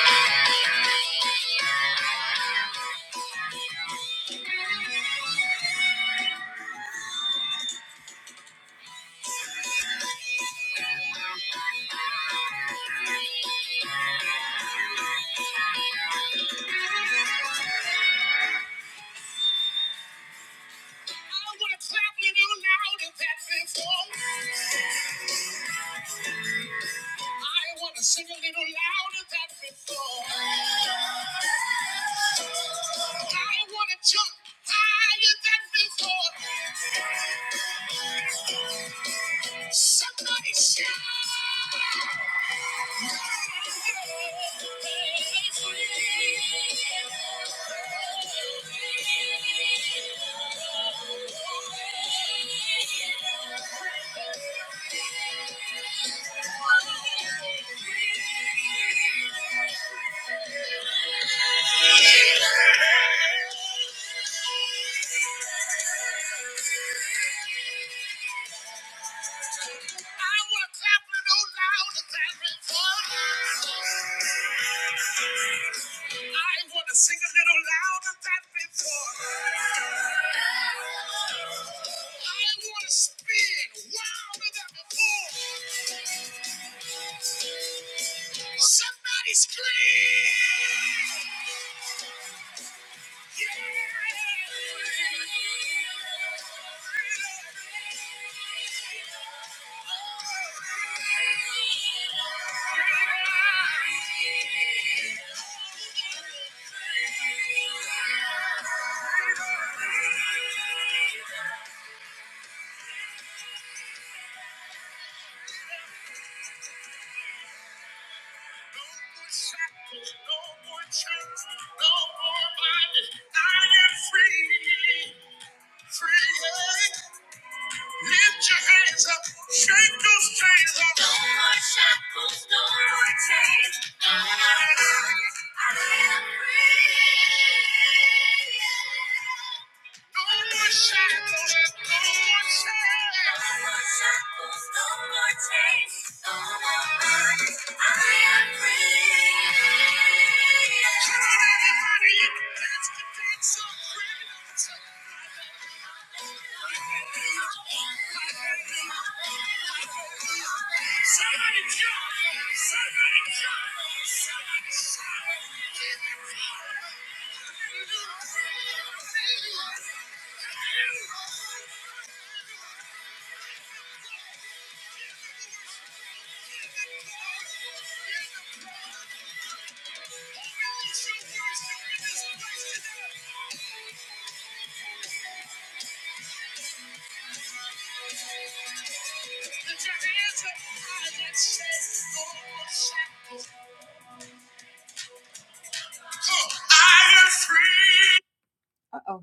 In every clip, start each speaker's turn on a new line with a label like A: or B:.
A: I wanna clap a little louder than before. I wanna sing a little louder than before. I wanna jump higher than before. Somebody shout! I I want want to to clap a little louder than before. I want to Sing a little louder than before. I want to spin wilder than before. Somebody scream! No more chains, no more bondage. I am free, free. Lift your hands up, shake those chains up. No more shackles, no more chains. I am free. No more shackles, no more chains. No more shackles, no more chains. No more burdens. I am free. Come on, everybody, let's get that some freedom tonight. Somebody jump! Somebody jump! Somebody Lift "Oh, I am free. Uh oh.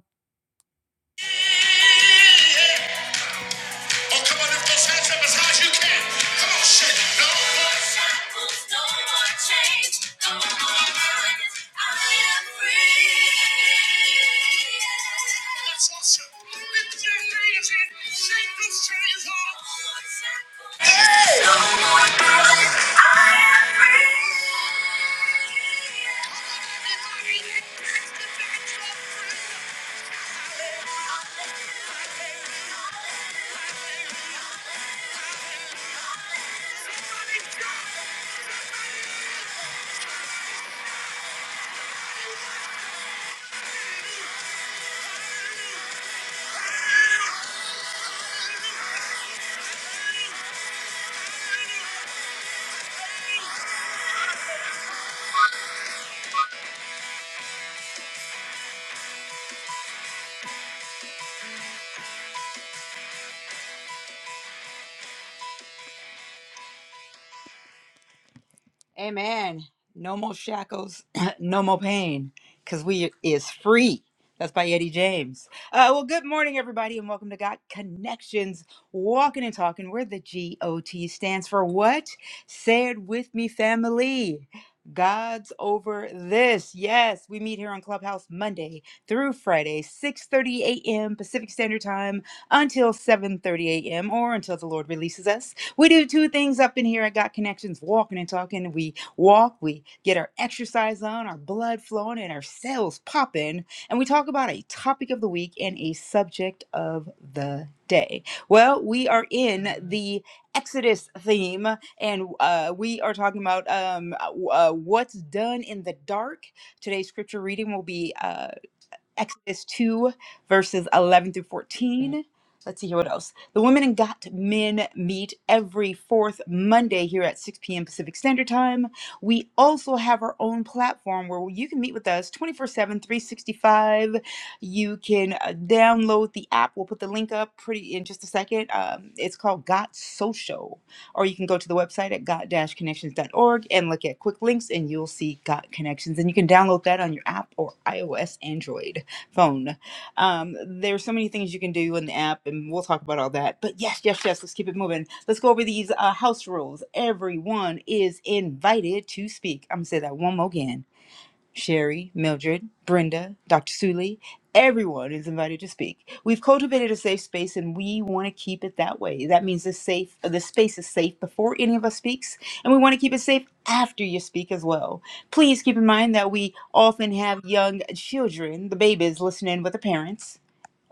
A: Oh, come on, lift those hands up as high as you can. Come on, shake it. No more shackles, no more chains, no more burdens. I am free. That's awesome. Lift your hands and shake those chains off. No more shackles. Yes, I am free. Come on, everybody, lift your hands up. Hallelujah. Somebody Amen. No more shackles, no more pain, because we is free. That's by Eddie James. Uh, well, good morning, everybody, and welcome to Got Connections, Walking and Talking, where the G-O-T stands for what? Say it with me, family. God's over this. Yes, we meet here on Clubhouse Monday through Friday, 6.30 a.m. Pacific Standard Time until 7.30 a.m. or until the Lord releases us. We do two things up in here I Got Connections walking and talking. We walk, we get our exercise on, our blood flowing, and our cells popping. And we talk about a topic of the week and a subject of the day. Well, we are in the Exodus theme, and uh, we are talking about um, uh, what's done in the dark. Today's scripture reading will be uh, Exodus 2, verses 11 through 14. Let's see here what else. The Women and Got Men meet every fourth Monday here at 6 p.m. Pacific Standard Time. We also have our own platform where you can meet with us 24 7, 365. You can uh, download the app. We'll put the link up pretty in just a second. Um, it's called Got Social. Or you can go to the website at got connections.org and look at quick links, and you'll see Got Connections. And you can download that on your app or iOS, Android phone. Um, there's so many things you can do in the app, and we'll talk about all that. But yes, yes, yes, let's keep it moving. Let's go over these uh, house rules. Everyone is invited to speak. I'm gonna say that one more again. Sherry, Mildred, Brenda, Dr. Suley, everyone is invited to speak. We've cultivated a safe space and we want to keep it that way. That means the safe the space is safe before any of us speaks and we want to keep it safe after you speak as well. Please keep in mind that we often have young children, the babies listening with the parents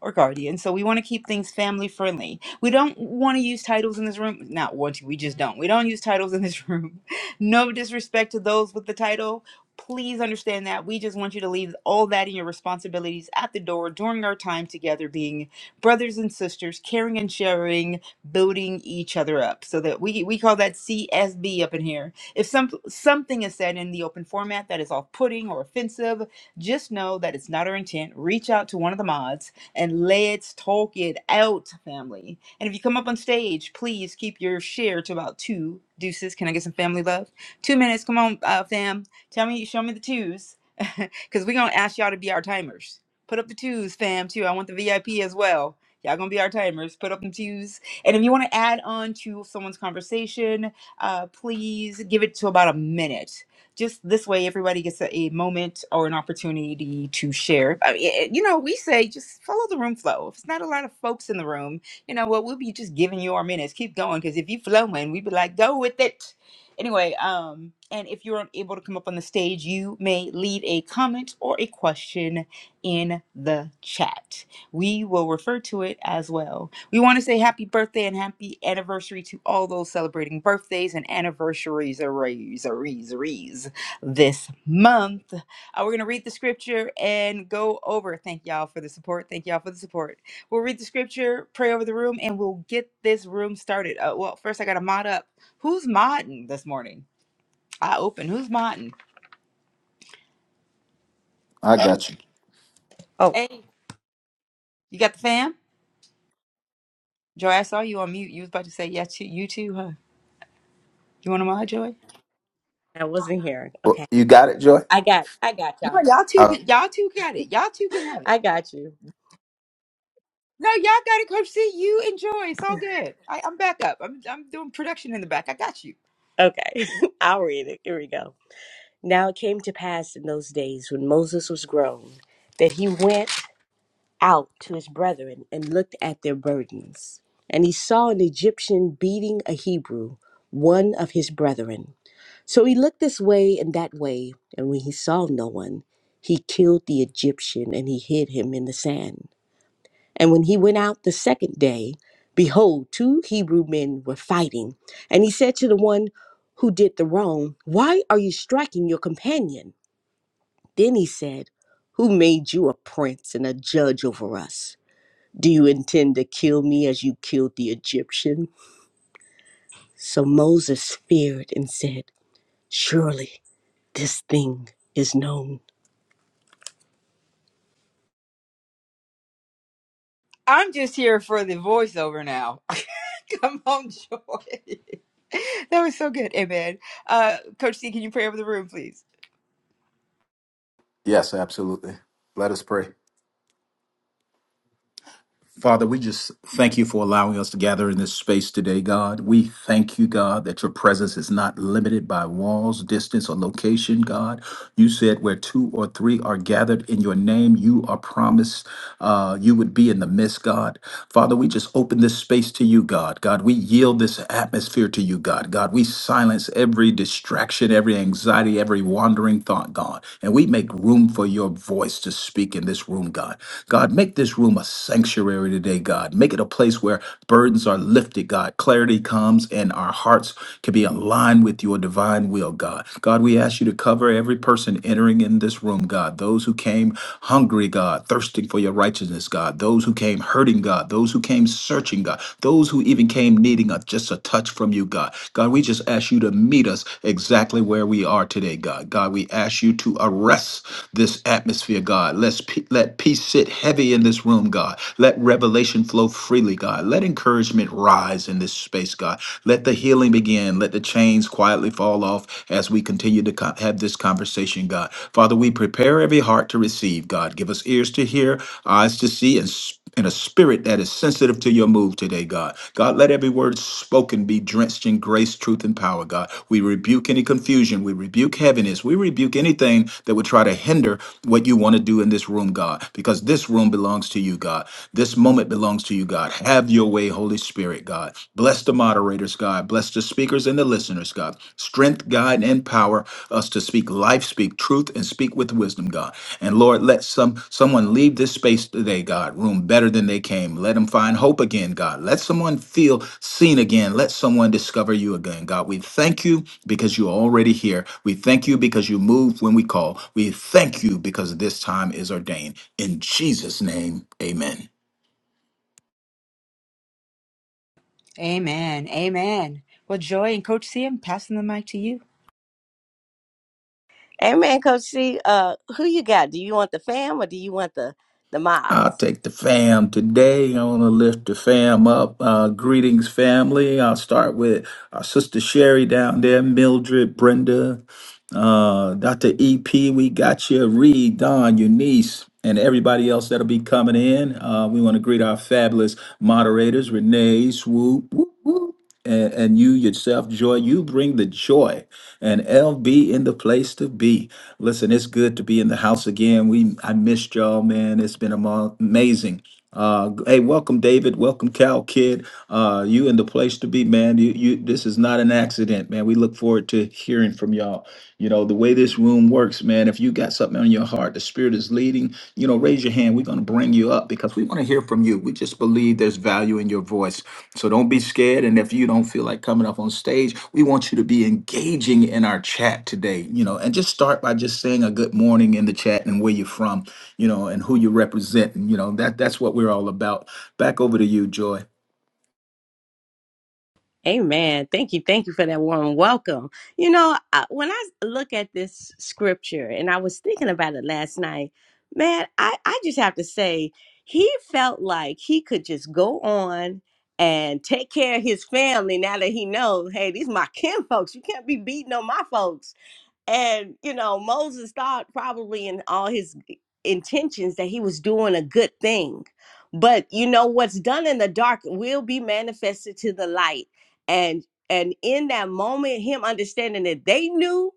A: or guardian. So we want to keep things family friendly. We don't want to use titles in this room. Not want to, we just don't. We don't use titles in this room. No disrespect to those with the title. Please understand that. We just want you to leave all that and your responsibilities at the door during our time together, being brothers and sisters, caring and sharing, building each other up. So that we, we call that CSB up in here. If some something is said in the open format that is off putting or offensive, just know that it's not our intent. Reach out to one of the mods and let's talk it out, family. And if you come up on stage, please keep your share to about two deuces. Can I get some family love? Two minutes. Come on, uh, fam. Tell me, show me the twos, because we're gonna ask y'all to be our timers. Put up the twos, fam. Too. I want the VIP as well. Y'all gonna be our timers. Put up the twos. And if you want to add on to someone's conversation, uh, please give it to about a minute just this way everybody gets a, a moment or an opportunity to share I mean, eh, you know we say just follow the room flow if it's not a lot of folks in the room you know what we'll be just giving you our minutes keep going because if you flowing we'd be like go with it anyway um and if you're unable to come up on the stage you may leave a comment or a question in the chat we will refer to it as well we want to say happy birthday and happy anniversary to all those celebrating birthdays and anniversaries arrays, arrays, arrays this month. Uh, we're going to read the scripture and go over. Thank y'all for the support. Thank y'all for the support. We'll read the scripture, pray over the room, and we'll get this room started. Uh, well, first, I got to mod up. Who's modding this morning? I open. Who's modding?
B: I got you.
C: Oh,
A: Hey, you got the fam? Joy, I saw you on mute. You was about to say, yeah, you you too, huh? You want to mod, Joy?
C: I wasn't here.
B: Well,
C: Okay.
B: You got it, Joy?
C: I got I got
A: No,
C: y'all.
A: y'all two
B: Uh,
A: can y'all two got it. Y'all two can have it.
C: I got you.
A: No, y'all got it, Coach C. You enjoy. It's all good. I, I'm back up. I'm I'm doing production in the back. I got you.
C: Okay. I'll read it. Here we go. Now it came to pass in those days when Moses was grown that he went out to his brethren and looked at their burdens. And he saw an Egyptian beating a Hebrew, one of his brethren. So he looked this way and that way, and when he saw no one, he killed the Egyptian and he hid him in the sand. And when he went out the second day, behold, two Hebrew men were fighting. And he said to the one who did the wrong, Why are you striking your companion? Then he said, Who made you a prince and a judge over us? Do you intend to kill me as you killed the Egyptian? So Moses feared and said, Surely this thing is known.
A: I'm just here for the voiceover now. Come on, Joy. That was so good. Amen. Uh, Coach C, can you pray over the room, please?
B: yes, absolutely. Let us pray. Father, we just thank you for allowing us to gather in this space today, God. We thank you, God, that your presence is not limited by walls, distance, or location, God. You said where two or three are gathered in your name, you are promised uh, you would be in the midst, God. Father, we just open this space to you, God. God, we yield this atmosphere to you, God. God, we silence every distraction, every anxiety, every wandering thought, God. And we make room for your voice to speak in this room, God. God, make this room a sanctuary sanctuary today, God. Make it a place where burdens are lifted, God. Clarity comes and our hearts can be aligned with your divine will, God. God, we ask you to cover every person entering in this room, God. Those who came hungry, God, thirsting for your righteousness, God. Those who came hurting, God. Those who came searching, God. Those who even came needing a, just a touch from you, God. God, we just ask you to meet us exactly where we are today, God. God, we ask you to arrest this atmosphere, God. Let's pe- let peace sit heavy in this room, God. Let let revelation flow freely, God. Let encouragement rise in this space, God. Let the healing begin. Let the chains quietly fall off as we continue to co- have this conversation, God. Father, we prepare every heart to receive, God. Give us ears to hear, eyes to see, and s- and a spirit that is sensitive to your move today, God. God, let every word spoken be drenched in grace, truth, and power, God. We rebuke any confusion. We rebuke heaviness. We rebuke anything that would try to hinder what you want to do in this room, God, because this room belongs to you, God. This moment belongs to you, God. Have your way, Holy Spirit, God. Bless the moderators, God. Bless the speakers and the listeners, God. Strength, guide and power us to speak life, speak truth, and speak with wisdom, God. And Lord, let some someone leave this space today, God, room better than they came. Let them find hope again, God. Let someone feel seen again. Let someone discover you again, God. We thank you because you're already here. We thank you because you move when we call. We thank you because this time is ordained. In Jesus' name, amen.
A: Amen. Amen. Well, Joy and Coach C, I'm passing the mic to you.
C: Amen, Coach C. Uh, who you got? Do you want the fam or do you want the the mods?
B: I'll take the fam today. I want to lift the fam up. Uh, greetings, family. I'll start with our sister Sherry down there, Mildred, Brenda, uh, Dr. EP. We got you, Reed, Don, Eunice, and everybody else that'll be coming in. Uh, we want to greet our fabulous moderators, Renee, Swoop and, and you yourself joy you bring the joy and lb in the place to be listen it's good to be in the house again we i missed y'all man it's been amo- amazing uh, hey, welcome, David. Welcome, Cal Kid. Uh, you in the place to be, man. You, you. This is not an accident, man. We look forward to hearing from y'all. You know the way this room works, man. If you got something on your heart, the Spirit is leading. You know, raise your hand. We're gonna bring you up because we want to hear from you. We just believe there's value in your voice. So don't be scared. And if you don't feel like coming up on stage, we want you to be engaging in our chat today. You know, and just start by just saying a good morning in the chat and where you're from you know, and who you represent. And, you know, that that's what we're all about. Back over to you, Joy.
C: Amen. Thank you. Thank you for that warm welcome. You know, I, when I look at this scripture, and I was thinking about it last night, man, I, I just have to say, he felt like he could just go on and take care of his family now that he knows, hey, these my kin folks. You can't be beating on my folks and, you know, Moses thought probably in all his intentions that he was doing a good thing. But you know what's done in the dark will be manifested to the light. And and in that moment, him understanding that they knew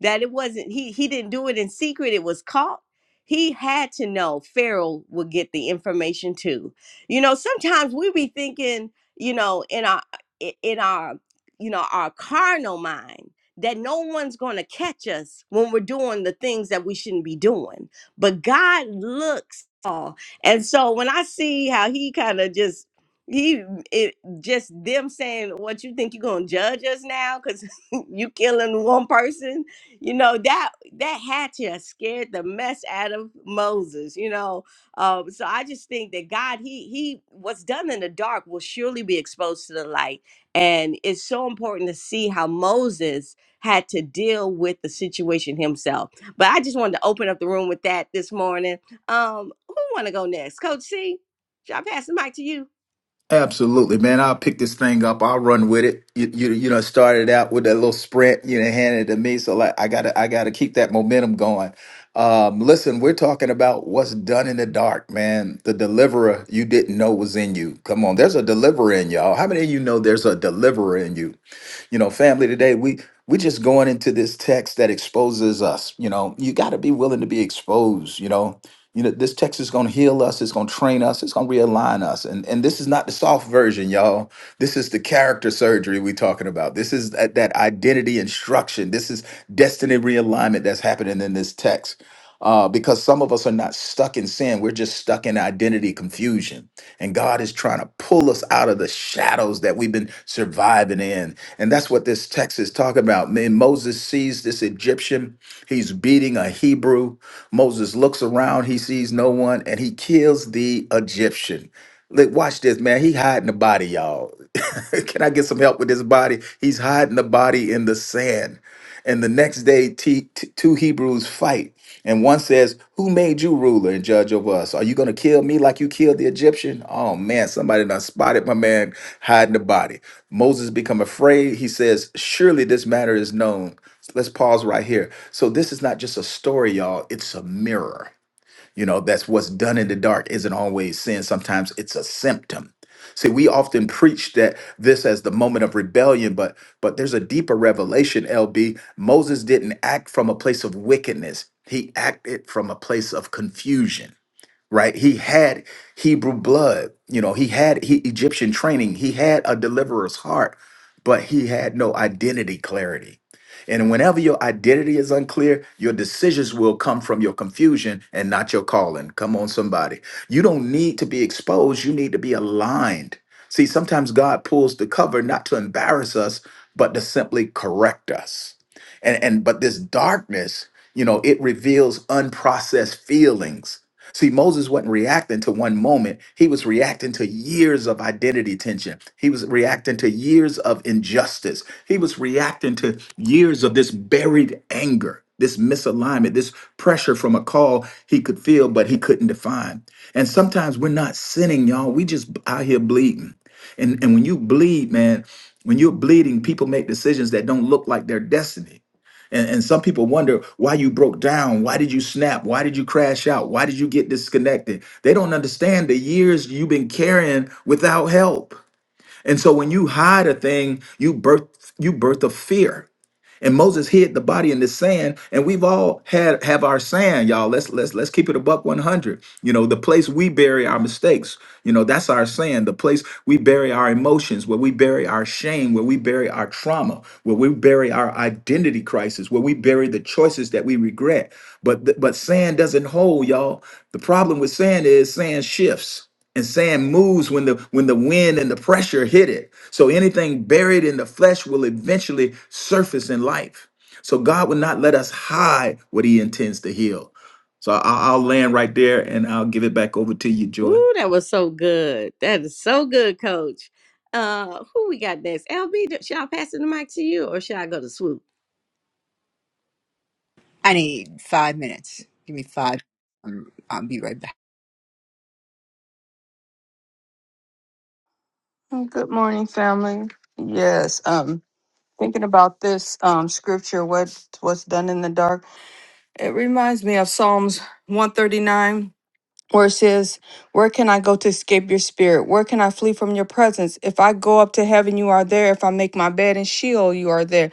C: that it wasn't he he didn't do it in secret, it was caught. He had to know Pharaoh would get the information too. You know, sometimes we be thinking, you know, in our in our you know, our carnal mind that no one's going to catch us when we're doing the things that we shouldn't be doing. But God looks all. And so when I see how he kind of just he mm, it just them saying what you think you're gonna judge us now because you killing one person you know that that hatchet scared the mess out of moses you know um so i just think that god he he what's done in the dark will surely be exposed to the light and it's so important to see how moses had to deal with the situation himself. But I just wanted to open up the room with that this morning. Um, who want to go next? Coach C, should I pass the mic to you?
B: Absolutely, man. I'll pick this thing up. I'll run with it. You, you, you know, started out with that little sprint. You know, handed it to me. So like, I gotta, I gotta keep that momentum going. Um, listen, we're talking about what's done in the dark, man. The deliverer you didn't know was in you. Come on, there's a deliverer in y'all. How many of you know there's a deliverer in you? You know, family today, we we just going into this text that exposes us. You know, you got to be willing to be exposed. You know, you know, this text is going to heal us. It's going to train us. It's going to realign us. And and this is not the soft version, y'all. This is the character surgery we're talking about. This is that, that identity instruction. This is destiny realignment that's happening in this text. Uh, because some of us are not stuck in sin. We're just stuck in identity confusion. And God is trying to pull us out of the shadows that we've been surviving in. And that's what this text is talking about. Man, Moses sees this Egyptian He's beating a Hebrew. Moses looks around, he sees no one, and he kills the Egyptian. Like, watch this, man. He hiding the body, y'all. Can I get some help with this body? He's hiding the body in the sand. And the next day, t- t- two Hebrews fight. And one says, Who made you ruler and judge over us? Are you going to kill me like you killed the Egyptian? Oh man, somebody done spotted my man hiding the body. Moses become afraid. He says, Surely this matter is known. Let's pause right here. So this is not just a story, y'all. It's a mirror. You know, that's what's done in the dark isn't always sin. Sometimes it's a symptom. See, we often preach that this as the moment of rebellion, but but there's a deeper revelation, LB. Moses didn't act from a place of wickedness. He acted from a place of confusion right? He had Hebrew blood, you know, he had he, Egyptian training, he had a deliverer's heart, but he had no identity clarity. And whenever your identity is unclear, your decisions will come from your confusion and not your calling. Come on, somebody. You don't need to be exposed, you need to be aligned. See, sometimes God pulls the cover not to embarrass us, but to simply correct us. And, and but this darkness, you know, it reveals unprocessed feelings See, Moses wasn't reacting to one moment. He was reacting to years of identity tension. He was reacting to years of injustice. He was reacting to years of this buried anger, this misalignment, this pressure from a call he could feel, but he couldn't define. And sometimes we're not sinning, y'all. We just out here bleeding. And, and when you bleed, man, when you're bleeding, people make decisions that don't look like their destiny and, and some people wonder why you broke down. Why did you snap? Why did you crash out? Why did you get disconnected? They don't understand the years you've been carrying without help. And so when you hide a thing, you birth you birth a fear. And Moses hid the body in the sand, and we've all had have our sand, y'all. Let's let's let's keep it a buck 100. You know, the place we bury our mistakes, you know, that's our sand. The place we bury our emotions, where we bury our shame, where we bury our trauma, where we bury our identity crisis, where we bury the choices that we regret. But th- but sand doesn't hold, y'all. The problem with sand is sand shifts and sand moves when the when the wind and the pressure hit it so anything buried in the flesh will eventually surface in life so god will not let us hide what he intends to heal so I- i'll land right there and i'll give it back over to you joy
C: Ooh, that was so good. That is so good, Coach. Uh, who we got next? LB, do- should I pass the mic to you, or should I go to Swoop?
A: I need five minutes. Give me five. I'm, I'll be right back.
D: Oh, Good morning, family. Yes, um, thinking about this um scripture, what what's done in the dark, it reminds me of Psalms one thirty nine, where it says, "Where can I go to escape your spirit? Where can I flee from your presence? If I go up to heaven, you are there. If I make my bed in Sheol, you are there.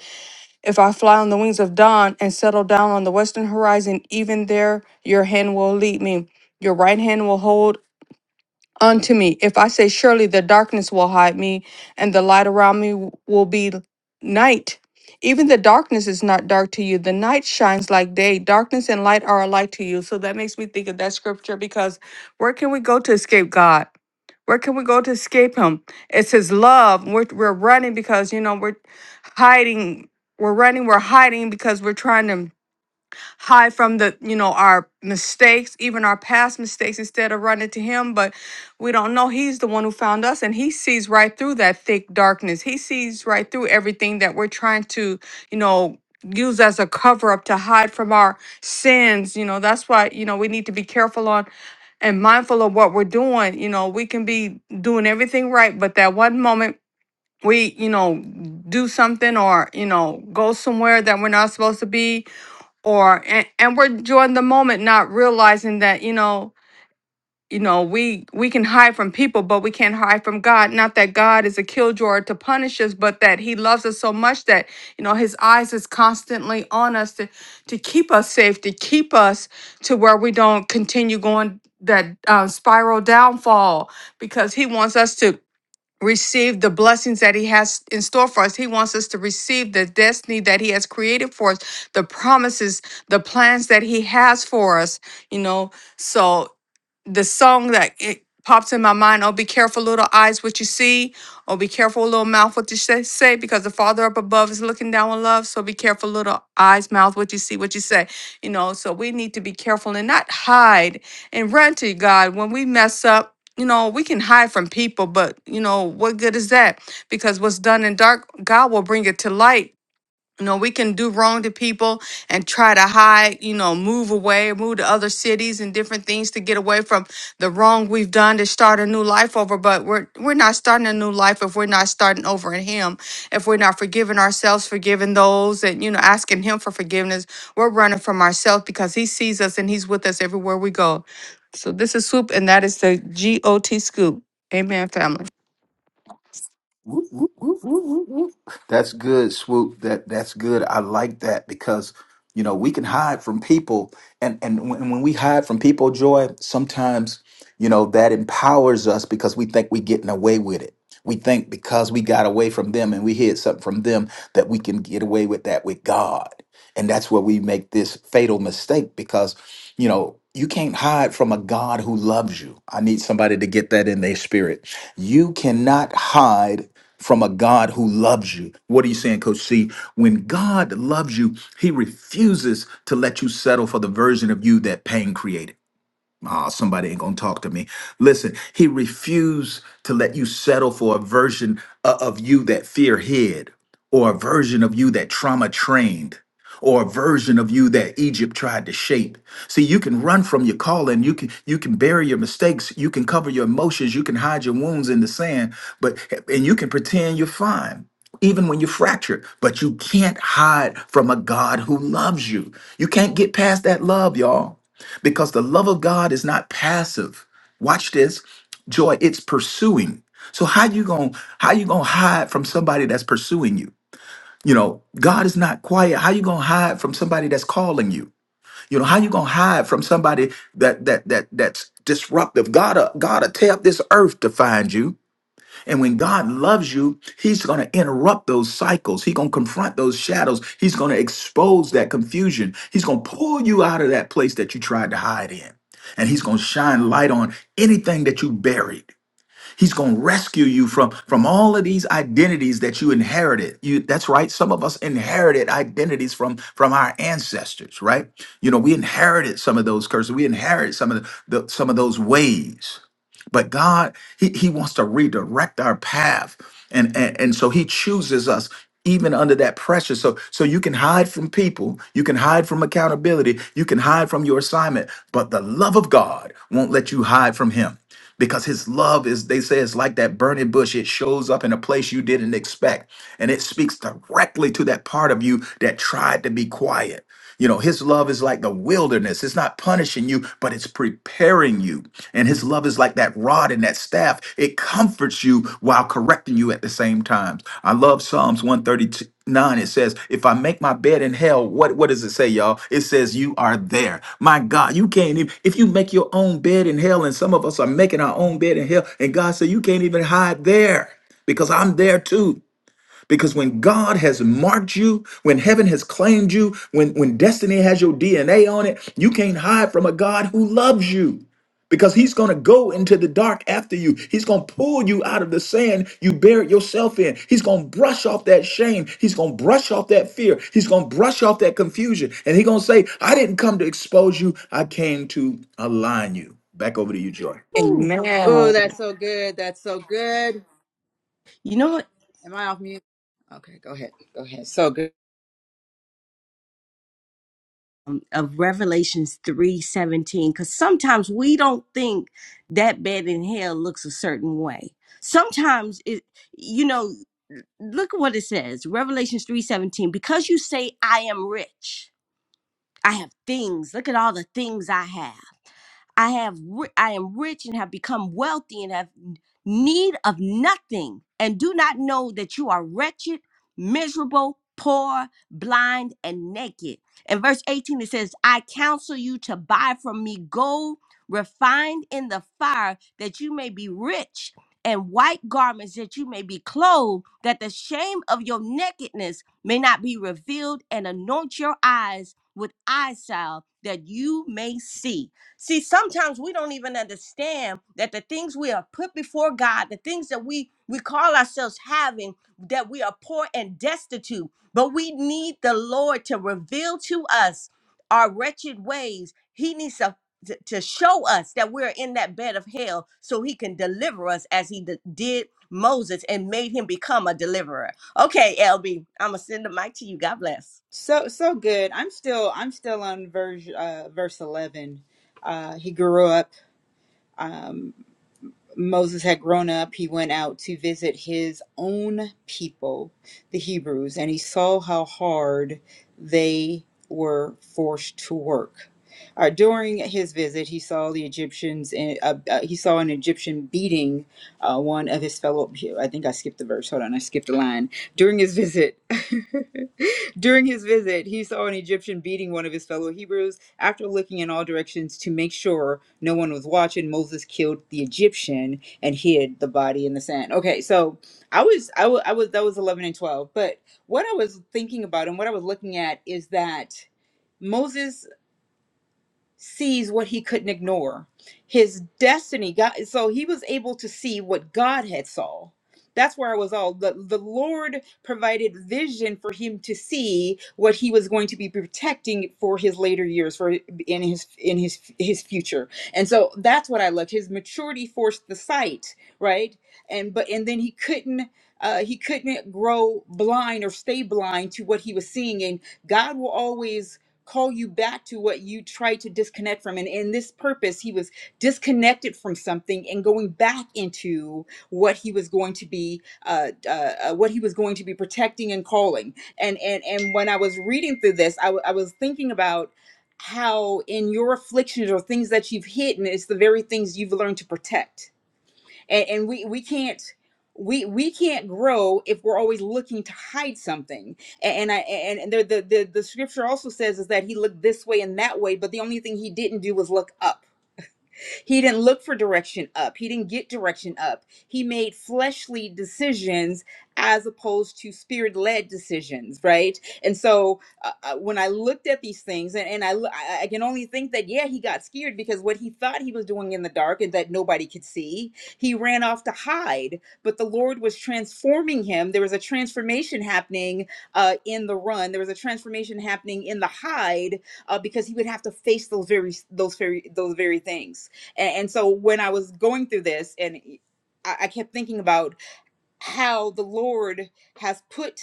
D: If I fly on the wings of dawn and settle down on the western horizon, even there, your hand will lead me." Your right hand will hold unto me. If I say, Surely the darkness will hide me, and the light around me w- will be l- night. Even the darkness is not dark to you. The night shines like day. Darkness and light are alike to you. So that makes me think of that scripture because where can we go to escape God? Where can we go to escape Him? It's His love. We're, we're running because, you know, we're hiding. We're running, we're hiding because we're trying to hide from the you know our mistakes even our past mistakes instead of running to him but we don't know he's the one who found us and he sees right through that thick darkness he sees right through everything that we're trying to you know use as a cover up to hide from our sins you know that's why you know we need to be careful on and mindful of what we're doing you know we can be doing everything right but that one moment we you know do something or you know go somewhere that we're not supposed to be or and, and we're enjoying the moment not realizing that you know you know we we can hide from people but we can't hide from god not that god is a killjoy to punish us but that he loves us so much that you know his eyes is constantly on us to to keep us safe to keep us to where we don't continue going that uh, spiral downfall because he wants us to receive the blessings that he has in store for us. He wants us to receive the destiny that he has created for us, the promises, the plans that he has for us, you know. So the song that it pops in my mind oh be careful little eyes what you see oh be careful little mouth what you say, say because the father up above is looking down with love so be careful little eyes mouth what you see what you say you know so we need to be careful and not hide and run to god when we mess up you know we can hide from people but you know what good is that because what's done in dark god will bring it to light you know, we can do wrong to people and try to hide, you know, move away, move to other cities and different things to get away from the wrong we've done to start a new life over. But we're we're not starting a new life if we're not starting over in him. If we're not forgiving ourselves, forgiving those and you know, asking him for forgiveness. We're running from ourselves because he sees us and he's with us everywhere we go. So this is Swoop and that is the G O T scoop. Amen, family.
B: Whoop, whoop, whoop, whoop, whoop, whoop. That's good, swoop. That that's good. I like that because you know we can hide from people, and and when, when we hide from people, joy sometimes you know that empowers us because we think we're getting away with it. We think because we got away from them and we hid something from them that we can get away with that with God. And that's where we make this fatal mistake because, you know, you can't hide from a God who loves you. I need somebody to get that in their spirit. You cannot hide from a God who loves you. What are you saying, Coach C? When God loves you, he refuses to let you settle for the version of you that pain created. Ah, somebody ain't gonna talk to me. Listen, he refused to let you settle for a version o- of you that fear hid, or a version of you that trauma trained, or a version of you that Egypt tried to shape. See, you can run from your calling, you can you can bury your mistakes, you can cover your emotions, you can hide your wounds in the sand, but and you can pretend you're fine. Even when you're fractured, but you can't hide from a God who loves you. You can't get past that love, y'all because the love of God is not passive. Watch this, joy. It's pursuing. So how you gonna how you gonna hide from somebody that's pursuing you? You know, God is not quiet. How you gonna hide from somebody that's calling you? You know, how you gonna hide from somebody that that that that's disruptive? God, uh, God, will tear up this earth to find you. And when God loves you, He's going to interrupt those cycles. He's going to confront those shadows. He's going to expose that confusion. He's going to pull you out of that place that you tried to hide in. And He's going to shine light on anything that you buried. He's going to rescue you from from all of these identities that you inherited. You that's right. Some of us inherited identities from from our ancestors, right? You know, we inherited some of those curses. We inherited some of the, the some of those ways. But God, he, he wants to redirect our path. And, and, and so he chooses us even under that pressure so so you can hide from people you can hide from accountability you can hide from your assignment but the love of god won't let you hide from him because his love is they say it's like that burning bush it shows up in a place you didn't expect and it speaks directly to that part of you that tried to be quiet you know, his love is like the wilderness. It's not punishing you, but it's preparing you. And his love is like that rod and that staff. It comforts you while correcting you at the same time. I love Psalms 139. It says, If I make my bed in hell, what, what does it say, y'all? It says, You are there. My God, you can't even, if you make your own bed in hell, and some of us are making our own bed in hell, and God said, You can't even hide there because I'm there too. Because when God has marked you, when heaven has claimed you, when, when destiny has your DNA on it, you can't hide from a God who loves you. Because he's going to go into the dark after you. He's going to pull you out of the sand you buried yourself in. He's going to brush off that shame. He's going to brush off that fear. He's going to brush off that confusion. And he's going to say, I didn't come to expose you, I came to align you. Back over to you, Joy.
C: Ooh,
D: Amen.
A: Oh,
C: good.
A: that's so good. That's so good.
C: you know what?
A: Am I off mute? Okay, go ahead. Go ahead. So good.
C: Um, of Revelations three seventeen, because sometimes we don't think that bed in hell looks a certain way. Sometimes it, you know. look at what it says revelations 3.17 because you say i am rich i have things look at all the things i have I have ri- I am rich and have become wealthy and have n- need of nothing and do not know that you are wretched, miserable, poor, blind and naked. In verse 18 it says, "I counsel you to buy from me gold refined in the fire that you may be rich." And white garments that you may be clothed, that the shame of your nakedness may not be revealed, and anoint your eyes with eye salve that you may see. See, sometimes we don't even understand that the things we are put before God, the things that we we call ourselves having, that we are poor and destitute, but we need the Lord to reveal to us our wretched ways. He needs to to to show us that we're in that bed of hell so he can deliver us as he d- did Moses and made him become a deliverer. Okay, LB, I'm going to send the mic to you. God bless.
A: So so good. I'm still I'm still on verse uh verse 11. Uh he grew up. Um, Moses had grown up, he went out to visit his own people, the Hebrews, and he saw how hard they were forced to work. Uh, during his visit, he saw the Egyptians. In, uh, uh, he saw an Egyptian beating uh, one of his fellow. I think I skipped the verse. Hold on, I skipped a line. During his visit, during his visit, he saw an Egyptian beating one of his fellow Hebrews after looking in all directions to make sure no one was watching, Moses killed the Egyptian and hid the body in the sand. Okay, so I was, I wa- I was, that was 11 and 12. But what I was thinking about and what I was looking at is that Moses sees what he couldn't ignore. His destiny, God, so he was able to see what God had saw. That's where I was all the, the Lord provided vision for him to see what he was going to be protecting for his later years for in his in his his future. And so that's what I loved. His maturity forced the sight, right? And but and then he couldn't uh, he couldn't grow blind or stay blind to what he was seeing. And God will always call you back to what you tried to disconnect from. And in this purpose, he was disconnected from something and going back into what he was going to be, uh, uh, uh, what he was going to be protecting and calling. And and and when I was reading through this, I, w- I was thinking about how in your afflictions or things that you've hidden, it's the very things you've learned to protect and, and we we can't we we can't grow if we're always looking to hide something and i and and the, the the the scripture also says is that he looked this way and that way but the only thing he didn't do was look up he didn't look for direction up. He didn't get direction up. He made fleshly decisions as opposed to spirit led decisions, right? And so uh, uh, when I looked at these things, and, and I, loo- I I can only think that, yeah, he got scared because what he thought he was doing in the dark and that nobody could see, he ran off to hide. But the Lord was transforming him. There was a transformation happening uh, in the run, there was a transformation happening in the hide uh, because he would have to face those very those very those very things and, and so when I was going through this, and e, I, I kept thinking about how the Lord has put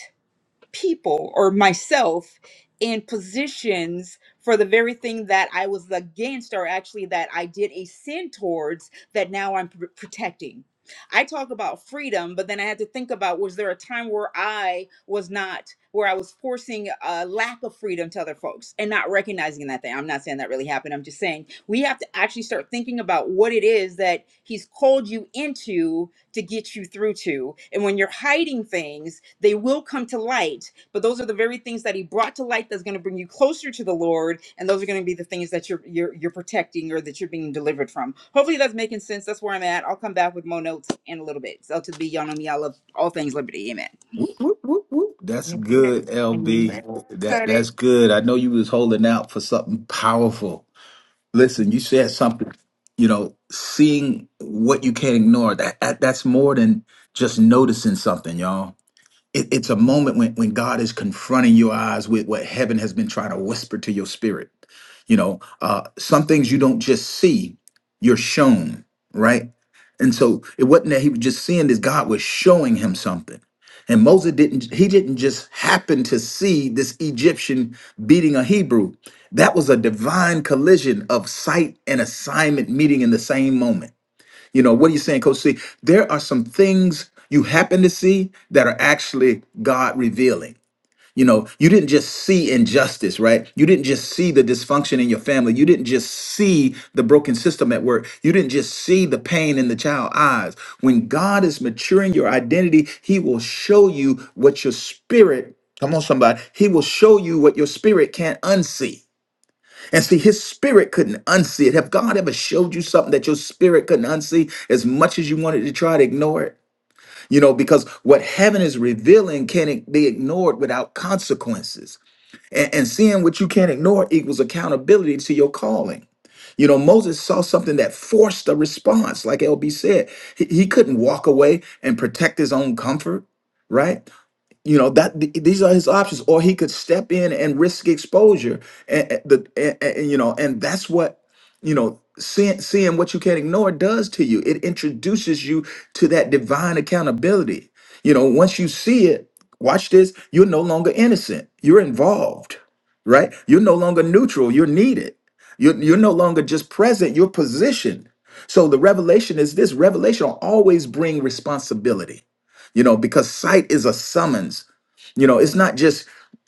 A: people or myself in positions for the very thing that I was against, or actually that I did a sin towards that now I'm pr- protecting. I talk about freedom, but then I had to think about was there a time where I was not, where I was forcing a lack of freedom to other folks and not recognizing that thing? I'm not saying that really happened. I'm just saying we have to actually start thinking about what it is that He's called you into to get you through to. And when you're hiding things, they will come to light. But those are the very things that he brought to light that's going to bring you closer to the Lord. And those are going to be the things that you're you're you're protecting or that you're being delivered from. Hopefully that's making sense. That's where I'm at. I'll come back with more notes in a little bit. So to be y'all know me, I love all things liberty. Amen.
B: Whoop, whoop, whoop, whoop. That's good, LB.
D: Amen.
B: That
D: Cuddy.
B: that's good. I know you was holding out for something powerful. Listen, you said something. You know, seeing what you can't ignore. That, that that's more than just noticing something, y'all it, it's a moment when, when God is confronting your eyes with what heaven has been trying to whisper to your spirit. You know, uh, some things you don't just see, you're shown, right? And so it wasn't that he was just seeing this, God was showing him something. And Moses didn't, he didn't just happen to see this Egyptian beating a Hebrew. That was a divine collision of sight and assignment meeting in the same moment you know, what are you saying, Coach C? There are some things you happen to see that are actually God revealing. You know, you didn't just see injustice, right? You didn't just see the dysfunction in your family. You didn't just see the broken system at work. You didn't just see the pain in the child's eyes. When God is maturing your identity, He will show you what your spirit, come on, somebody, He will show you what your spirit can't unsee. And see, his spirit couldn't unsee it. Have God ever showed you something that your spirit couldn't unsee as much as you wanted to try to ignore it? You know, because what heaven is revealing can't be ignored without consequences. And, and seeing what you can't ignore equals accountability to your calling. You know, Moses saw something that forced a response, like LB said. He, he couldn't walk away and protect his own comfort, right? You know that th- these are his options, or he could step in and risk exposure, and, and the and, and, you know, and that's what you know. Seeing seeing what you can't ignore does to you. It introduces you to that divine accountability. You know, once you see it, watch this. You're no longer innocent. You're involved, right? You're no longer neutral. You're needed. You're you're no longer just present. You're positioned. So the revelation is this: revelation will always bring responsibility. You know, because sight is a summons you know, it's not just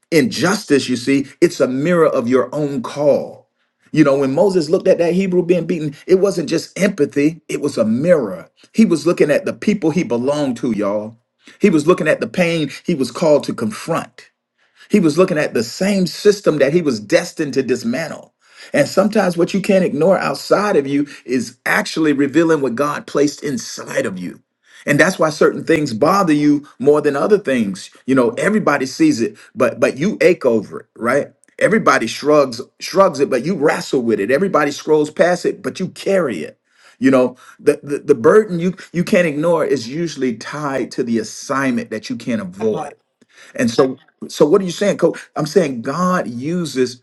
B: injustice, you see, it's a mirror of your own call. You know, when Moses looked at that Hebrew being beaten, it wasn't just empathy, it was a mirror. He was looking at the people he belonged to, y'all. He was looking at the pain he was called to confront. He was looking at the same system that he was destined to dismantle. And sometimes what you can't ignore outside of you is actually revealing what God placed inside of you. And that's why certain things bother you more than other things. You know, everybody sees it, but but you ache over it, right? Everybody shrugs shrugs it, but you wrestle with it. Everybody scrolls past it, but you carry it. You know, the, the, the burden you you can't ignore is usually tied to the assignment that you can't avoid and so, so what are you saying, Coach? I'm saying God uses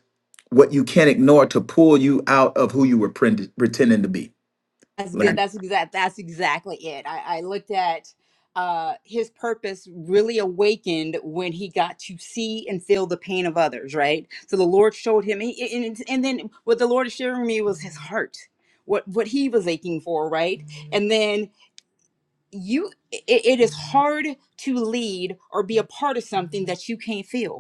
B: what you can't ignore to pull you out of who you were prend- pretending to be.
A: That's
B: Let
A: good.
B: me-
A: That's exact. That's exactly it. I, I looked at uh, his purpose really awakened when he got to see and feel the pain of others. Right. So the Lord showed him, and, and, and then what the Lord is sharing with me was his heart, what what he was aching for. Right. And then you, it, it is hard to lead or be a part of something that you can't feel.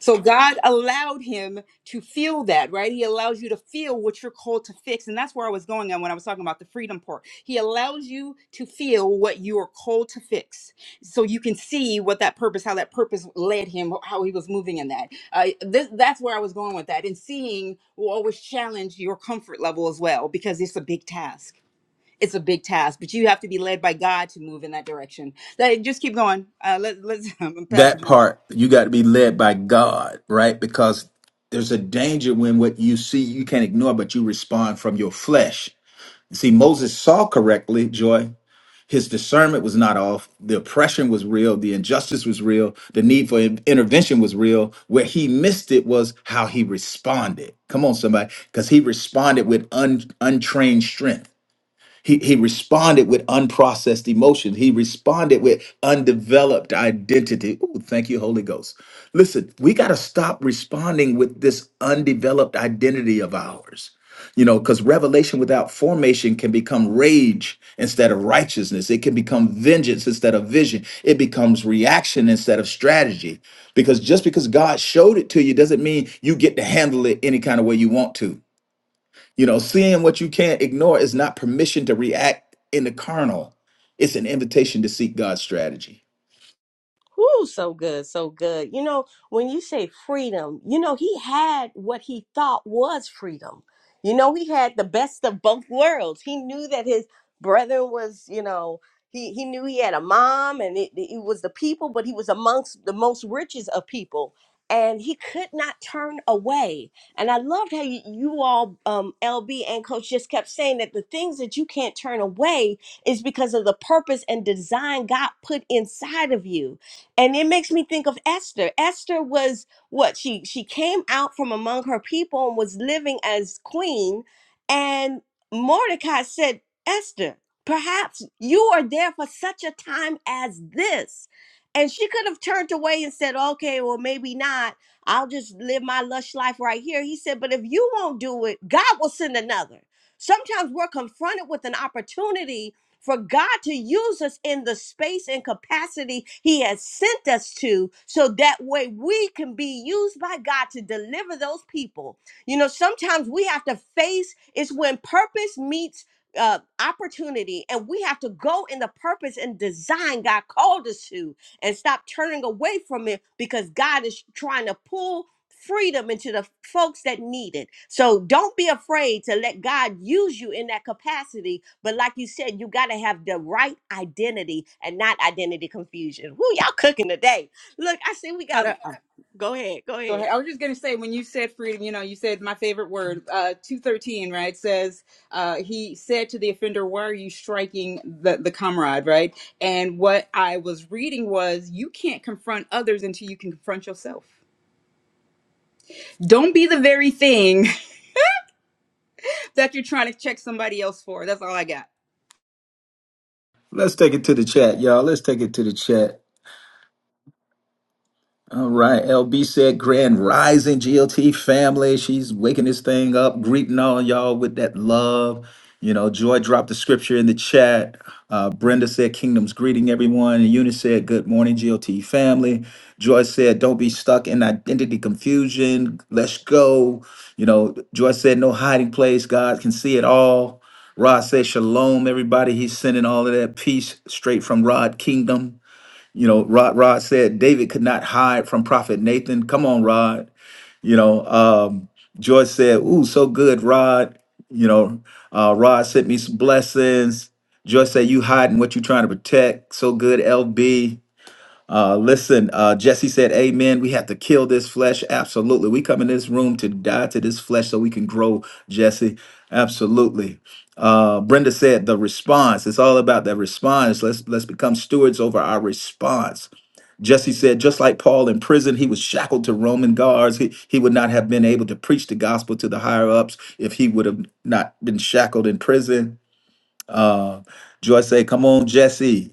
A: So God allowed him to feel that, right? He allows you to feel what you're called to fix. And that's where I was going on when I was talking about the freedom part. He allows you to feel what you are called to fix. So you can see what that purpose, how that purpose led him, how he was moving in that. Uh, this, that's where I was going with that. And seeing will always challenge your comfort level as well, because it's a big task. It's a big task, but you have to be led by God to move in that direction. That- Just keep going. Uh, let, let's I'm gonna pass the
B: That
A: mic.
B: part, you got to be led by God, right? Because there's a danger when what you see you can't ignore, but you respond from your flesh. See, Moses saw correctly, Joy. His discernment was not off. The oppression was real. The injustice was real. The need for in- intervention was real. Where he missed it was how he responded. Come on, somebody, because he responded with un- untrained strength. He, he responded with unprocessed emotion. He responded with undeveloped identity. Ooh, thank you, Holy Ghost. Listen, we got to stop responding with this undeveloped identity of ours. You know, because revelation without formation can become rage instead of righteousness. It can become vengeance instead of vision. It becomes reaction instead of strategy. Because just because God showed it to you doesn't mean you get to handle it any kind of way you want to. You know, seeing what you can't ignore is not permission to react in the carnal. It's an invitation to seek God's strategy.
C: Woo, so good, so good. You know, when you say freedom, you know, he had what he thought was freedom. You know, he had the best of both worlds. He knew that his brother was, you know, he, he knew he had a mom and it, it was the people, but he was amongst the most richest of people. And he could not turn away. And I loved how you, you all, um, LB and Coach, just kept saying that the things that you can't turn away is because of the purpose and design God put inside of you and it makes me think of Esther. Esther was what she she came out from among her people and was living as queen and Mordecai said, "Esther, perhaps you are there for such a time as this." And she could have turned away and said, "Okay, well maybe not. I'll just live my lush life right here." He said, "But if you won't do it, God will send another." Sometimes we're confronted with an opportunity for God to use us in the space and capacity He has sent us to, so that way we can be used by God to deliver those people. You know, sometimes we have to face it's when purpose meets uh, opportunity, and we have to go in the purpose and design God called us to and stop turning away from it because God is trying to pull freedom into the folks that need it. So don't be afraid to let God use you in that capacity. But like you said, you got to have the right identity and not identity confusion. Woo, y'all cooking today. Look, I see we
A: Hold
C: got,
A: on.
C: go ahead, go
A: Go ahead.
C: ahead.
A: I was just going to say when you said freedom, you know, you said my favorite word, uh, two thirteen, right? Says uh, he said to the offender, "Why are you striking the the comrade?" Right? And what I was reading was, you can't confront others until you can confront yourself. Don't be the very thing that you're trying to check somebody else for. That's all I got.
B: Let's take it to the chat, y'all. Let's take it to the chat. All right. LB said grand rising GLT family. She's waking this thing up, greeting all y'all with that love. You know, Joy dropped the scripture in the chat. Uh, Brenda said, Kingdom's greeting everyone. And Eunice said, Good morning, GLT family. Joy said, Don't be stuck in identity confusion. Let's go. You know, Joy said, No hiding place. God can see it all. Rod said, Shalom, everybody. He's sending all of that peace straight from Rod Kingdom. You know, Rod Rod said David could not hide from Prophet Nathan. Come on, Rod. You know, um, George said, "Ooh, so good, Rod." You know, uh, Rod sent me some blessings. Joyce said, "You hiding what you trying to protect." So good, LB. Uh, listen, uh, Jesse said, "Amen." We have to kill this flesh. Absolutely, we come in this room to die to this flesh so we can grow. Jesse, absolutely. Uh, Brenda said, "The response. It's all about that response. Let's let's become stewards over our response." Jesse said, just like Paul in prison, he was shackled to Roman guards. He, he would not have been able to preach the gospel to the higher ups if he would have not been shackled in prison. Uh, Joyce said, Come on, Jesse.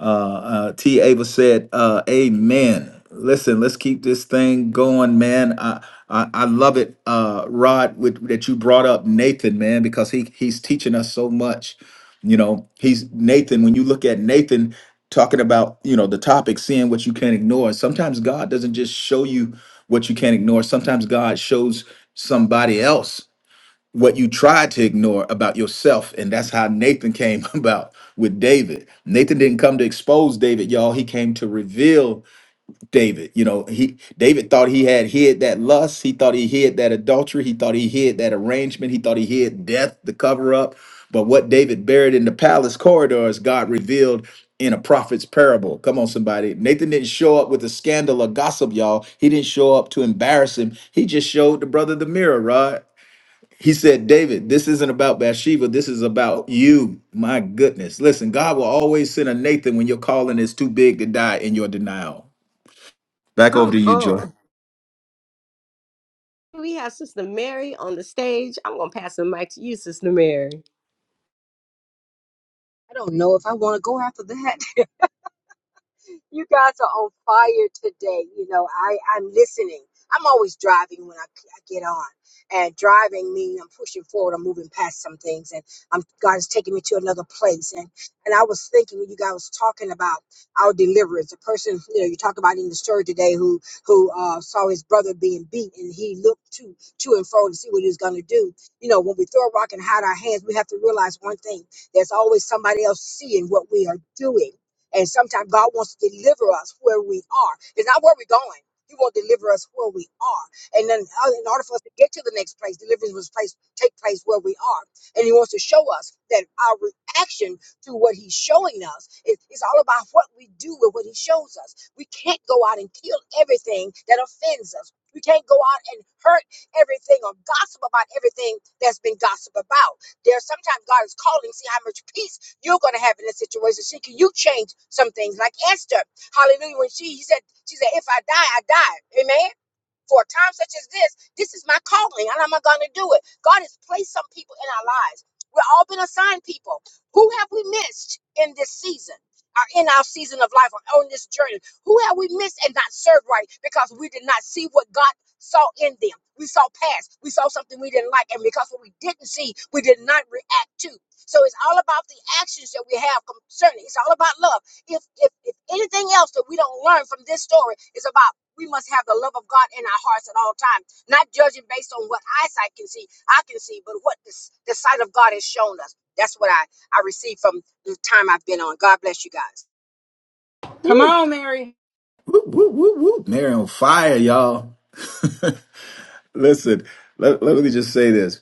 B: Uh, uh, T. Ava said, uh, "Amen." Listen, let's keep this thing going, man. I I, I love it, uh, Rod, with, that you brought up Nathan, man, because he he's teaching us so much. You know, he's Nathan. When you look at Nathan talking about, you know, the topic, seeing what you can't ignore. Sometimes God doesn't just show you what you can't ignore. Sometimes God shows somebody else what you tried to ignore about yourself. And that's how Nathan came about with David. Nathan didn't come to expose David, y'all. He came to reveal David. You know, he David thought he had hid that lust. He thought he hid that adultery. He thought he hid that arrangement. He thought he hid death, the cover up. But what David buried in the palace corridors, God revealed in a prophet's parable. Come on, somebody. Nathan didn't show up with a scandal or gossip, y'all. He didn't show up to embarrass him. He just showed the brother the mirror, Rod. He said, David, this isn't about Bathsheba. This is about you. My goodness. Listen, God will always send a Nathan when your calling is too big to die in your denial. Back over to
C: Come
B: you, Joy.
C: on. We have Sister Mary on the stage. I'm going to pass the mic to you, Sister Mary.
E: I don't know if I want to go after that you guys are on fire today. You know, I, I'm listening. I'm always driving when I, I get on. And driving means I'm pushing forward, I'm moving past some things, and I'm God is taking me to another place. And and I was thinking when you guys was talking about our deliverance, the person, you know, you talk about in the story today who who uh, saw his brother being beat and he looked to to and fro to see what he was gonna do. You know, when we throw a rock and hide our hands, we have to realize one thing. There's always somebody else seeing what we are doing and sometimes God wants to deliver us where we are. It's not where we're going. He will deliver us where we are. And then uh, in order for us to get to the next place, deliverance must place take place where we are. And he wants to show us that our reaction to what he's showing us is, is all about what we do with what he shows us. We can't go out and kill everything that offends us. We can't go out and hurt everything or gossip about everything that's been gossiped about. There's sometimes God is calling, see how much peace you're going to have in a situation. See, can you change some things? Like Esther, hallelujah, when she he said, she said, if I die, I die. Amen for a time such as this. This is my calling, and I'm going to do it. God has placed some people in our lives. We've all been assigned people. Who have we missed in this season? Or in our season of life, or on this journey, who have we missed and not served right because we did not see what God saw in them? We saw past, we saw something we didn't like, and because what we didn't see, we did not react to. So it's all about the actions that we have concerning. It's all about love. If if, if anything else that we don't learn from this story is about. We must have the love of God in our hearts at all times, not judging based on what eyesight can see. I can see, but what this, the sight of God has shown us. That's what I, I received from the time I've been on. God bless you guys.
A: Come
C: Woo.
A: on, Mary.
B: Whoop, whoop, whoop, whoop. Mary on fire, y'all. Listen, let, let me just say this,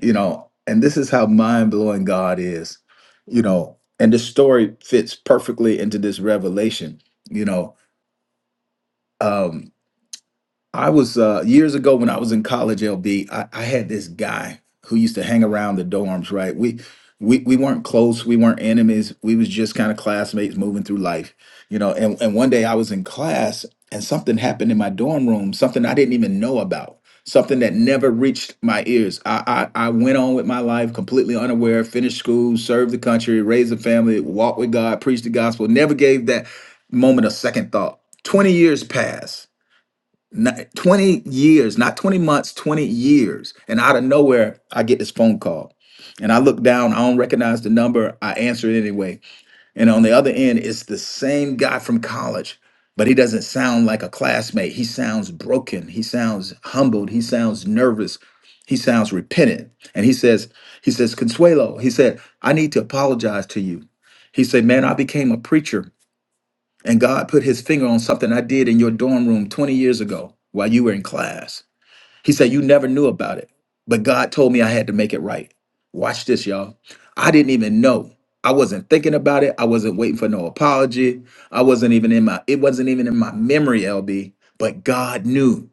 B: you know, and this is how mind blowing God is, you know, and the story fits perfectly into this revelation, you know. um, I was uh, years ago when I was in college, LB, I, I had this guy who used to hang around the dorms, right? We we we weren't close, we weren't enemies, we was just kind of classmates moving through life, you know. And and one day I was in class and something happened in my dorm room, something I didn't even know about, something that never reached my ears. I I, I went on with my life completely unaware, finished school, served the country, raised a family, walked with God, preached the gospel, never gave that moment a second thought. 20 years passed not, 20 years, not 20 months, 20 years. And out of nowhere, I get this phone call. And I look down, I don't recognize the number. I answer it anyway. And on the other end, it's the same guy from college, but he doesn't sound like a classmate. He sounds broken. He sounds humbled. He sounds nervous. He sounds repentant. And he says, he says, Consuelo, he said, I need to apologize to you. He said, man, I became a preacher and God put his finger on something I did in your dorm room 20 years ago while you were in class. He said, You never knew about it, but God told me I had to make it right. Watch this, y'all. I didn't even know. I wasn't thinking about it. I wasn't waiting for no apology. I wasn't even in my, it wasn't even in my memory, LB, but God knew.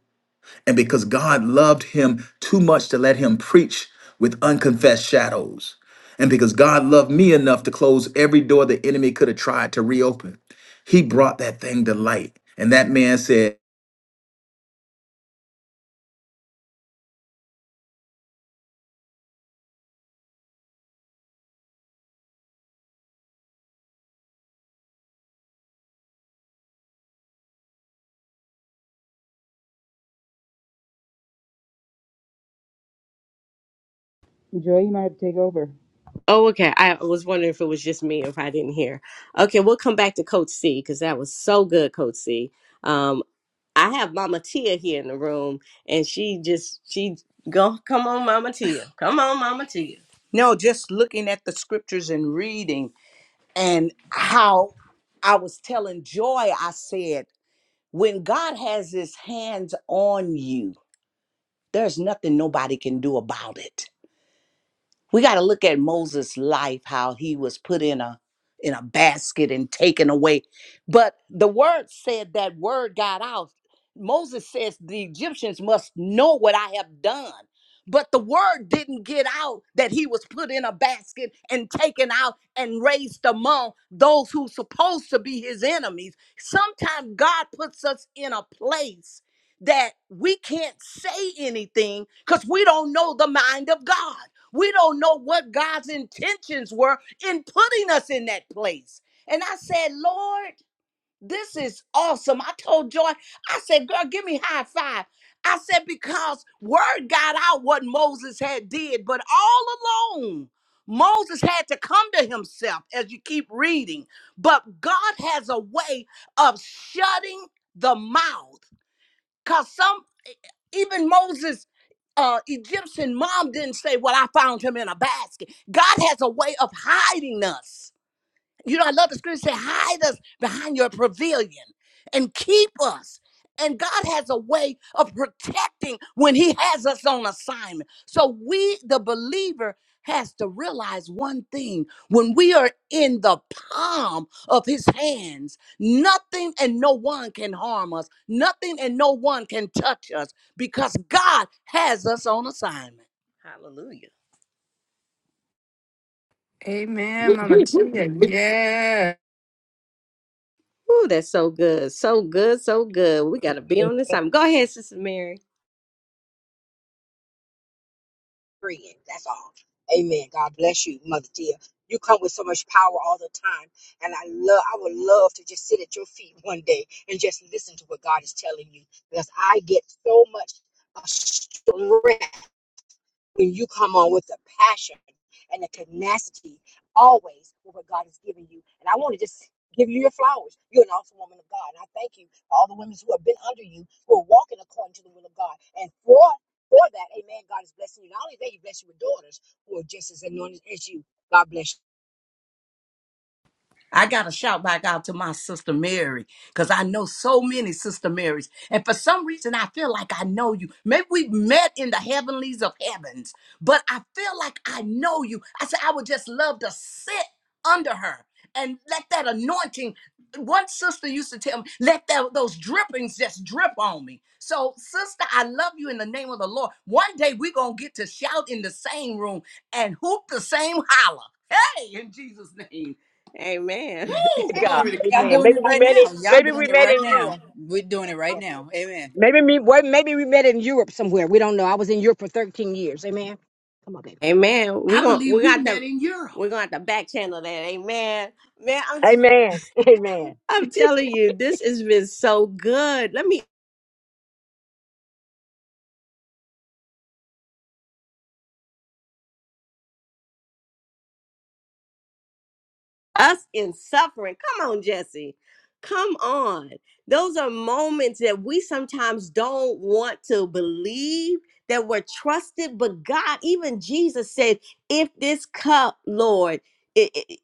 B: And because God loved him too much to let him preach with unconfessed shadows. And because God loved me enough to close every door the enemy could have tried to reopen, he brought that thing to light. And that man said,
A: Take over.
C: Oh, okay. I was wondering if it was just me, or if I didn't hear. Okay, we'll come back to Coach C because that was so good, Coach C. Um. I have Mama Tia here in the room, and she just she go come on, Mama Tia, come on, Mama Tia. No, just looking at the scriptures and reading and how I was telling Joy, I said, when God has his hands on you, there's nothing nobody can do about it we got to look at Moses' life, how he was put in a in a basket and taken away. But the word said that word got out. Moses says the Egyptians must know what I have done. But the word didn't get out that he was put in a basket and taken out and raised among those who supposed to be his enemies. Sometimes God puts us in a place that we can't say anything because we don't know the mind of God. We don't know what God's intentions were in putting us in that place. And I said, Lord, this is awesome. I told Joy, I said, girl, give me high five. I said, because word got out what Moses had did, but all alone, Moses had to come to himself as you keep reading. But God has a way of shutting the mouth. because some. Even Moses' uh, Egyptian mom didn't say, Well, I found him in a basket. God has a way of hiding us. You know, I love the scripture say, hide us behind your pavilion and keep us. And God has a way of protecting when He has us on assignment. So we, the believer, has to realize one thing when we are in the palm of his hands nothing and no one can harm us nothing and no one can touch us because god has us on assignment hallelujah
D: Amen, Mama Tia. Yeah.
C: Ooh, that's so good. So good, so good. We gotta be on this time. Go ahead, Sister Mary.
E: Friend, that's all. Amen. God bless you, Mother dear. You come with so much power all the time, and I love. I would love to just sit at your feet one day and just listen to what God is telling you, because I get so much uh, strength when you come on with the passion and the tenacity always with what God has given you. And I want to just give you your flowers. You're an awesome woman of God. And I thank you for all the women who have been under you who are walking according to the will of God. And for for that, amen, God is blessing you. Not only that, he blessed you with daughters who are just as anointed as you. God bless
C: I got to shout back out to my sister Mary because I know so many sister Marys. And for some reason, I feel like I know you. Maybe we've met in the heavenlies of heavens, but I feel like I know you. I said, I would just love to sit under her and let that anointing. One sister used to tell me, let that, those drippings just drip on me. So, sister, I love you in the name of the Lord. One day we're going to get to shout in the same room and hoop the same holler. Hey, in Jesus' name. Amen. Woo!
E: you. God,
C: Glory to
E: amen.
C: God.
E: Maybe we met in maybe we met in Europe. Yeah. Maybe me well, maybe we met in Europe somewhere. We don't know. I was in Europe for 13 years. Amen. Come on, baby.
C: Amen. We're I gonna believe we we got met the in Europe. we're gonna have to back channel that. Amen. Man, I'm
E: Amen. Amen.
C: I'm telling you, this has been so good. Let me us in suffering. Come on, Jesse. Come on. Those are moments that we sometimes don't want to believe that we're trusted, but God, even Jesus said, If this cup, Lord, it, it-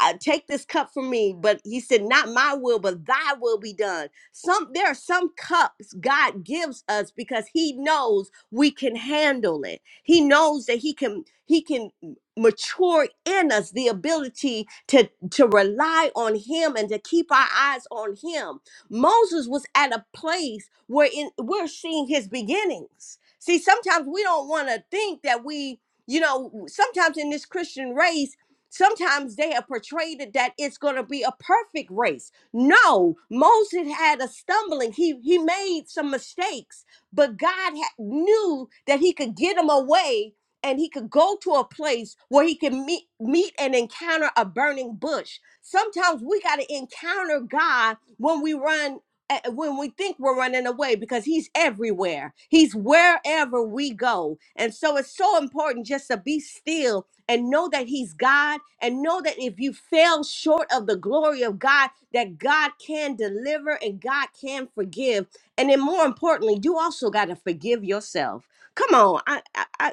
C: I take this cup from me, but he said, Not my will, but thy will be done. Some there are some cups God gives us because he knows we can handle it. He knows that he can he can mature in us the ability to to rely on him and to keep our eyes on him moses was at a place where in, we're seeing his beginnings see sometimes we don't want to think that we you know sometimes in this christian race sometimes they have portrayed it that it's going to be a perfect race no moses had a stumbling he he made some mistakes but god ha- knew that he could get him away and he could go to a place where he can meet meet and encounter a burning bush. Sometimes we got to encounter God when we run eh, eh, when we think we're running away because he's everywhere. He's wherever we go. And so it's so important just to be still and know that he's God and know that if you fail short of the glory of God that God can deliver and God can forgive. And then more importantly, you also got to forgive yourself. Come on. I, I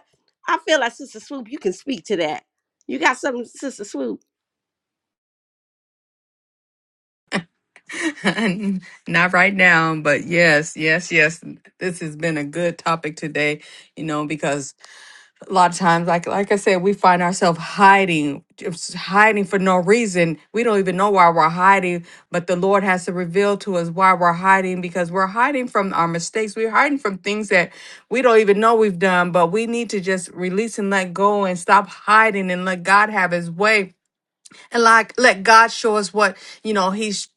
C: I feel like Sister Swoop, you can speak to that. You got something, Sister Swoop?
D: Not right now, but yes, yes, yes. This has been a good topic today, you know, because a lot of times, like like I said, we find ourselves hiding, just hiding for no reason. We don't even know why we're hiding, but the Lord has to reveal to us why we're hiding because we're hiding from our mistakes. We're hiding from things that we don't even know we've done, but we need to just release and let go and stop hiding and let God have his way and like let God show us what you know He's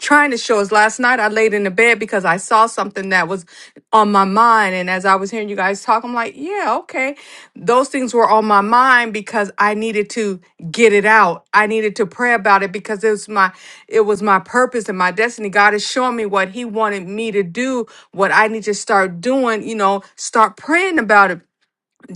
D: trying to show us. Last night I laid in the bed because I saw something that was on my mind, and as I was hearing you guys talk, I'm like, yeah, okay, those things were on my mind because I needed to get it out. I needed to pray about it because it was my it was my purpose and my destiny. God is showing me what He wanted me to do, what I need to start doing. You know, start praying about it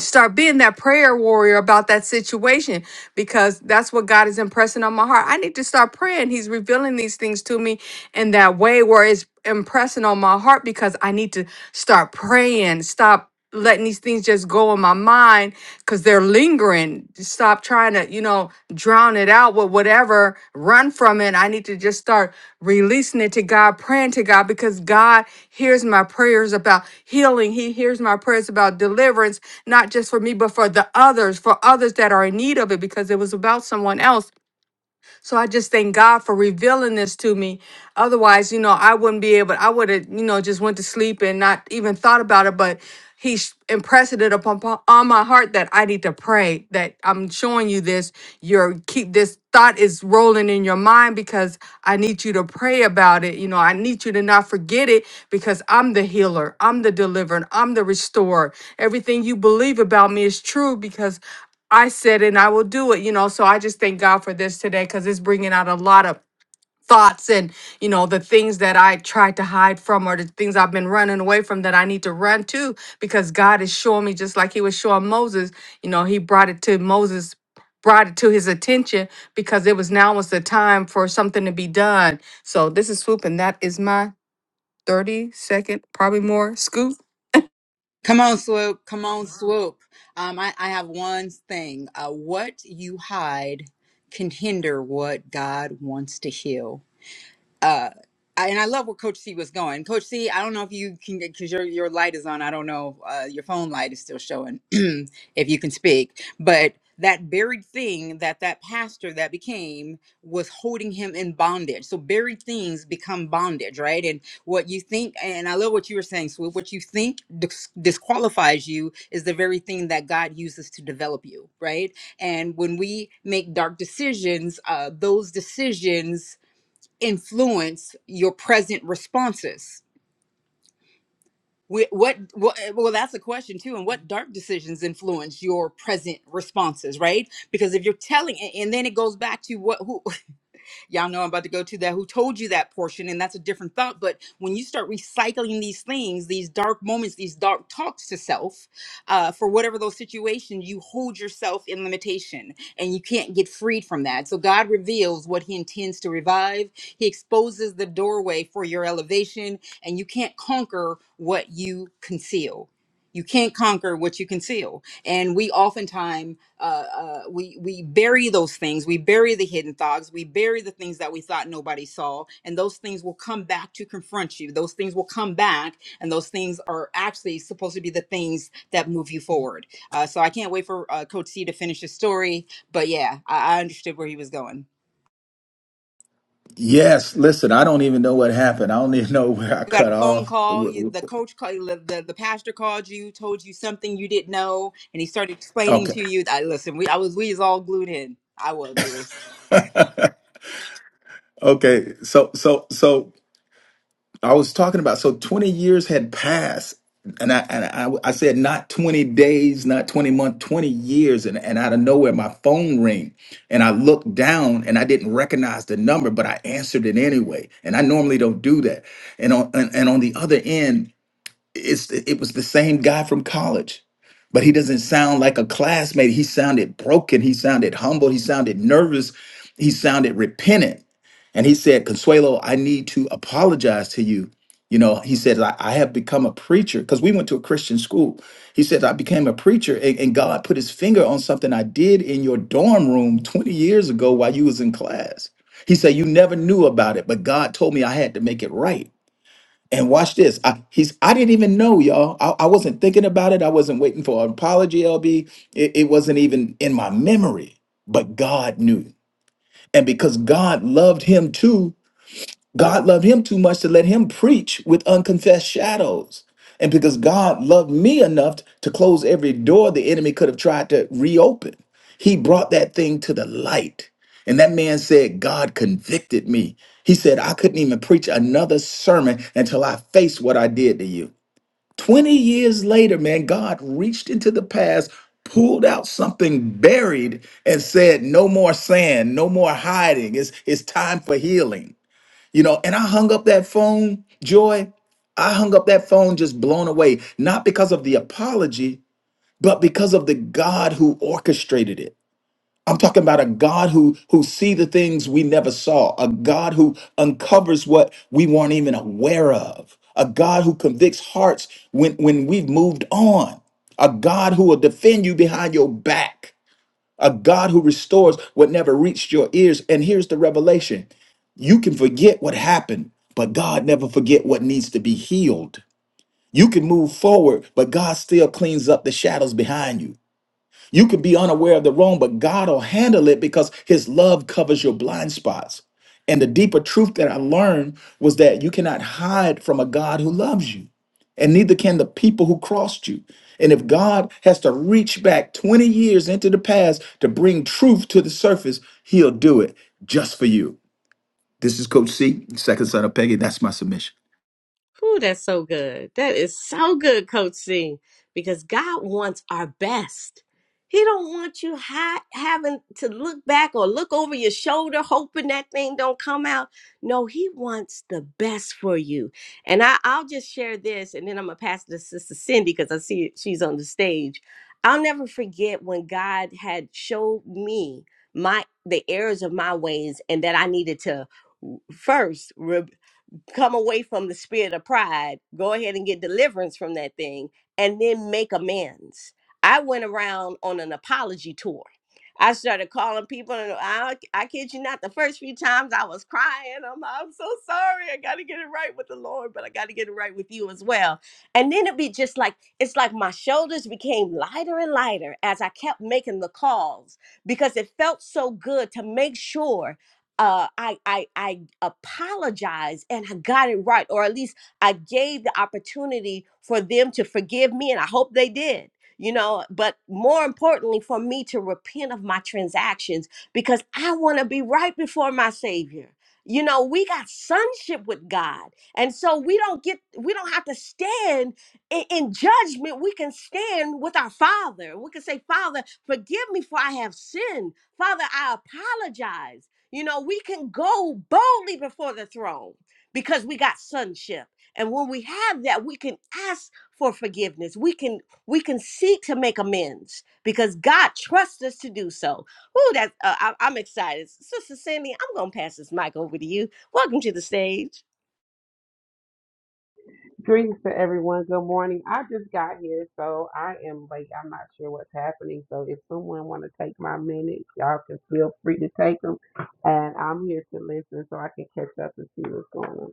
D: start being that prayer warrior about that situation because that's what God is impressing on my heart. I need to start praying. He's revealing these things to me in that way where it's impressing on my heart because I need to start praying, stop letting these things just go in my mind because they're lingering stop trying to, you know, drown it out with whatever, run from it. I need to just start releasing it to God, praying to God because God hears my prayers about healing. He hears my prayers about deliverance, not just for me, but for the others, for others that are in need of it because it was about someone else. So I just thank God for revealing this to me. Otherwise, you know, I wouldn't be able, I would have, you know, just went to sleep and not even thought about it. But he sh- impressed it upon upon- on my heart that I need to pray, that I'm showing you this. Your keep this thought is rolling in your mind because I need you to pray about it. You know, I need you to not forget it because I'm the healer, I'm the deliverer, and I'm the restorer. Everything you believe about me is true because I said, and I will do it, you know. So I just thank God for this today because it's bringing out a lot of thoughts and, you know, the things that I tried to hide from or the things I've been running away from that I need to run to because God is showing me, just like He was showing Moses, you know, He brought it to Moses. Brought it to his attention because it was now was the time for something to be done. So this is swoop, and that is my thirty second, probably more scoop.
A: Come on, swoop. Come on, swoop. Um, I, I have one thing. Uh, what you hide can hinder what God wants to heal. uh I, and I love where Coach C was going. Coach C, I don't know if you can because your your light is on. I don't know uh, your phone light is still showing if you can speak. But that buried thing that that pastor that became was holding him in bondage. So buried things become bondage, right? And what you think, and I love what you were saying, Swoop. What you think dis- disqualifies you is the very thing that God uses to develop you, right? And when we make dark decisions, uh, those decisions influence your present responses? Wh- What, what, well, that's a question too. And what dark decisions influence your present responses, right? Because if you're telling, and and then it goes back to what, who, y'all know I'm about to go to that, who told you that portion, and that's a different thought. But when you start recycling these things, these dark moments, these dark talks to self, uh, for whatever those situations, you hold yourself in limitation and you can't get freed from that. So God reveals what He intends to revive, He exposes the doorway for your elevation, and you can't conquer what you conceal you can't conquer what you conceal and we oftentimes uh, uh, we we bury those things we bury the hidden thoughts we bury the things that we thought nobody saw and those things will come back to confront you those things will come back and those things are actually supposed to be the things that move you forward uh, so i can't wait for uh, coach c to finish his story but yeah I, I understood where he was going
B: Yes, listen, I don't even know what happened. I don't even know where I
A: got
B: cut
A: a phone
B: off.
A: call you,
B: Wh-
A: the
B: wh-
A: coach called the, the pastor called you told you something you didn't know and he started explaining
B: Okay.
A: to you i listen we, i was we was all glued in i was really.
B: okay. So, so, so I was talking about so 20 years had passed and I and I, I said not 20 days, not 20 months, 20 years and and out of nowhere my phone rang and I looked down and I didn't recognize the number but I answered it anyway and I normally don't do that. And on and, and on the other end it's it was the same guy from college. But he doesn't sound like a classmate. He sounded broken. He sounded humble. He sounded nervous. He sounded repentant and he said, Consuelo, I need to apologize to you. You know, he said, I, I have become a preacher because we went to a Christian school. He said, I became a preacher and, and God put his finger on something I did in your dorm room 20 years ago while you was in class. He said, you never knew about it, but God told me I had to make it right. And watch this. I, he's, I didn't even know, y'all. I, I wasn't thinking about it. I wasn't waiting for an apology, LB. It, it wasn't even in my memory, but God knew. And because God loved him too, God loved him too much to let him preach with unconfessed shadows. And because God loved me enough to close every door the enemy could have tried to reopen, he brought that thing to the light. And that man said, God convicted me. He said, I couldn't even preach another sermon until I faced what I did to you. 20 years later, man, God reached into the past, pulled out something buried, and said, No more sand, no more hiding. It's, it's time for healing. You know, and I hung up that phone, Joy. I hung up that phone just blown away, not because of the apology, but because of the God who orchestrated it. I'm talking about a God who who see the things we never saw, a God who uncovers what we weren't even aware of, a God who convicts hearts when when we've moved on, a God who will defend you behind your back a God who restores what never reached your ears. And here's the revelation you can forget what happened, but God never forget what needs to be healed. You can move forward, but God still cleans up the shadows behind you. You can be unaware of the wrong, but God will handle it because His love covers your blind spots. And the deeper truth that I learned was that you cannot hide from a God who loves you, and neither can the people who crossed you. And if God has to reach back 20 years into the past to bring truth to the surface, He'll do it just for you. This is Coach C, second son of Peggy. That's my submission.
C: Ooh, that's so good. That is so good, Coach C. Because God wants our best. He don't want you ha- having to look back or look over your shoulder, hoping that thing don't come out. No, He wants the best for you. And I, I'll just share this, and then I'm gonna pass it to Sister Cindy because I see she's on the stage. I'll never forget when God had showed me my the errors of my ways, and that I needed to first come away from the spirit of pride, go ahead and get deliverance from that thing, and then make amends. I went around on an apology tour. I started calling people, and I, I kid you not, the first few times I was crying. I'm, I'm so sorry. I got to get it right with the Lord, but I got to get it right with you as well. And then it'd be just like, it's like my shoulders became lighter and lighter as I kept making the calls because it felt so good to make sure uh, I, I I apologized and I got it right, or at least I gave the opportunity for them to forgive me, and I hope they did. You know, but more importantly, for me to repent of my transactions because I want to be right before my Savior. You know, we got sonship with God, and so we don't get we don't have to stand in, in judgment. We can stand with our Father. We can say, Father, forgive me for I have sinned. Father, I apologize you know, we can go boldly before the throne because we got sonship. And when we have that, we can ask for forgiveness. We can we can seek to make amends because God trusts us to do so. Ooh, that's uh, I, I'm excited, Sister Cindy. I'm gonna pass this mic over to you. Welcome to the stage.
F: Greetings to everyone. Good morning. I just got here, so I am like I'm not sure what's happening. So if someone want to take my minutes, y'all can feel free to take them. And I'm here to listen so I can catch up and see what's going on.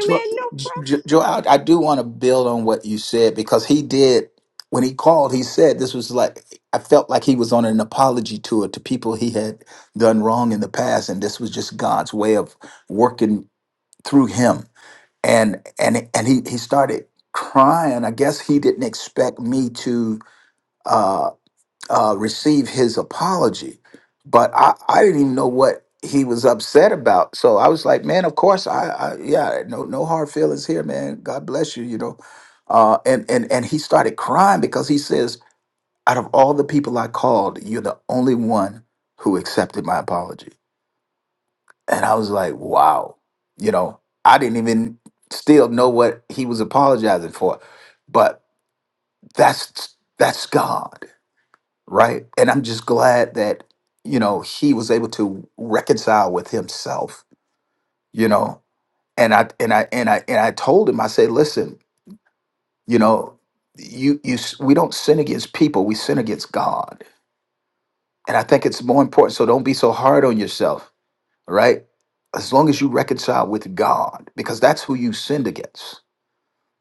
B: Joe,
C: No problem.
B: Jo- Joe, I, I do want to build on what you said because he did when he called. He said this was like I felt like he was on an apology tour to people he had done wrong in the past, and this was just God's way of working through him. And and and he he started crying. I guess he didn't expect me to. uh, uh, receive his apology. But I, I didn't even know what he was upset about. So I was like, man, of course, I, I yeah, no no hard feelings here, man. God bless you, you know. Uh, and and and he started crying because he says, out of all the people I called, you're the only one who accepted my apology. And I was like, wow, you know, I didn't even still know what he was apologizing for, but that's that's God right? And I'm just glad that you know he was able to reconcile with himself, you know. And I and I and I and I told him, I said, listen, you know, you you s- we don't sin against people, we sin against God, and I think it's more important. So don't be so hard on yourself, all right? As long as you reconcile with God, because that's who you sinned against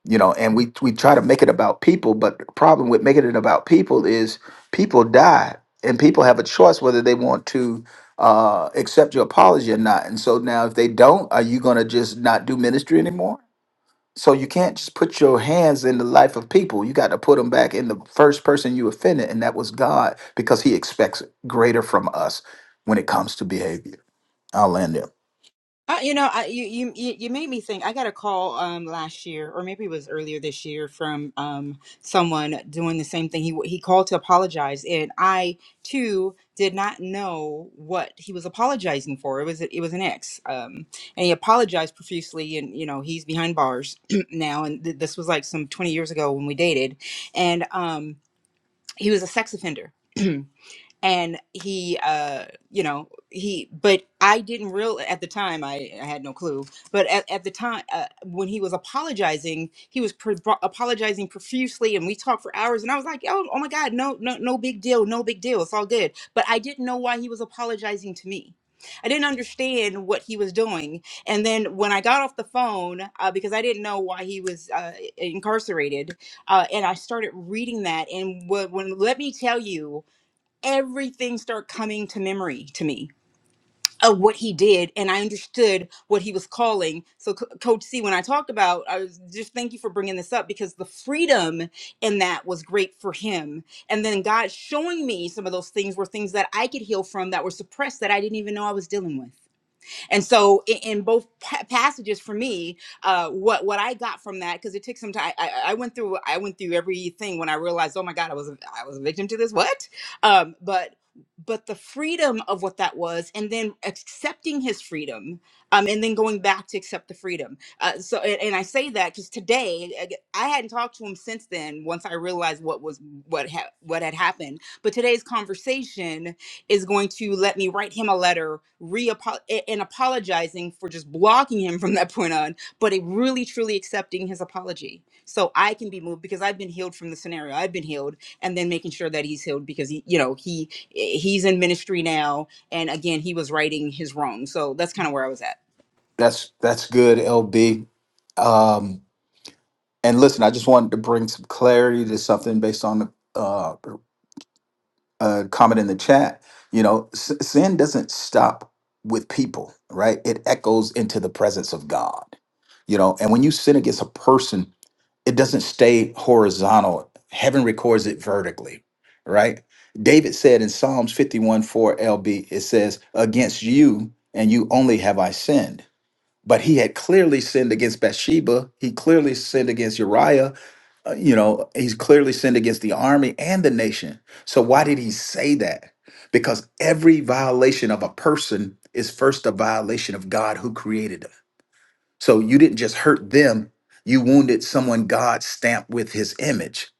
B: you know and we we try to make it about people but the problem with making it about people is people die and people have a choice whether they want to uh accept your apology or not and so now if they don't are you going to just not do ministry anymore so you can't just put your hands in the life of people you got to put them back in the first person you offended and that was god because he expects greater from us when it comes to behavior i'll land there
A: Uh, you know, I, you you you you made me think. I got a call um last year, or maybe it was earlier this year, from um someone doing the same thing. He he called to apologize, and I too did not know what he was apologizing for. It was it was an ex, um, and he apologized profusely, and you know he's behind bars now. And th- this was like some twenty years ago when we dated, and um he was a sex offender. and he uh you know he but i didn't real at the time i, I had no clue but at, at the time uh, when he was apologizing he was pro- apologizing profusely and we talked for hours and i was like oh, oh my god no no no big deal no big deal it's all good but i didn't know why he was apologizing to me I didn't understand what he was doing. And then when I got off the phone, uh, because I didn't know why he was uh, incarcerated, uh, and I started reading that. And what, when let me tell you, everything started coming to memory to me of what he did and i understood what he was calling so Co- coach c when i talk about i was just thank you for bringing this up because the freedom in that was great for him and then god showing me some of those things were things that i could heal from that were suppressed that i didn't even know i was dealing with and so in, in both pa- passages for me, uh, what what I got from that because it took some time. I, I went through I went through everything when I realized, oh my God, I was a, I was a victim to this. What? Um, but but the freedom of what that was, and then accepting his freedom, um, and then going back to accept the freedom. Uh, so and, and I say that because today ag- I hadn't talked to him since then. Once I realized what was what ha- what had happened, but today's conversation is going to let me write him a letter re and apologizing for just blocking him from that point on but it really truly accepting his apology so i can be moved because i've been healed from the scenario i've been healed and then making sure that he's healed because he you know he eh, he's in ministry now and again he was righting his wrong so that's kind of where i was at
B: that's that's good lb um And listen, I just wanted to bring some clarity to something based on the uh, uh, comment in the chat. You know, s- sin doesn't stop with people, right? It echoes into the presence of God. You know, and when you sin against a person, it doesn't stay horizontal. Heaven records it vertically, right? David said in Psalms 51 4 LB, it says, Against you and you only have I sinned but he had clearly sinned against Bathsheba. He clearly sinned against Uriah. Uh, you know, he's clearly sinned against the army and the nation. So why did he say that? Because every violation of a person is first a violation of God who created them. So you didn't just hurt them, you wounded someone God stamped with his image.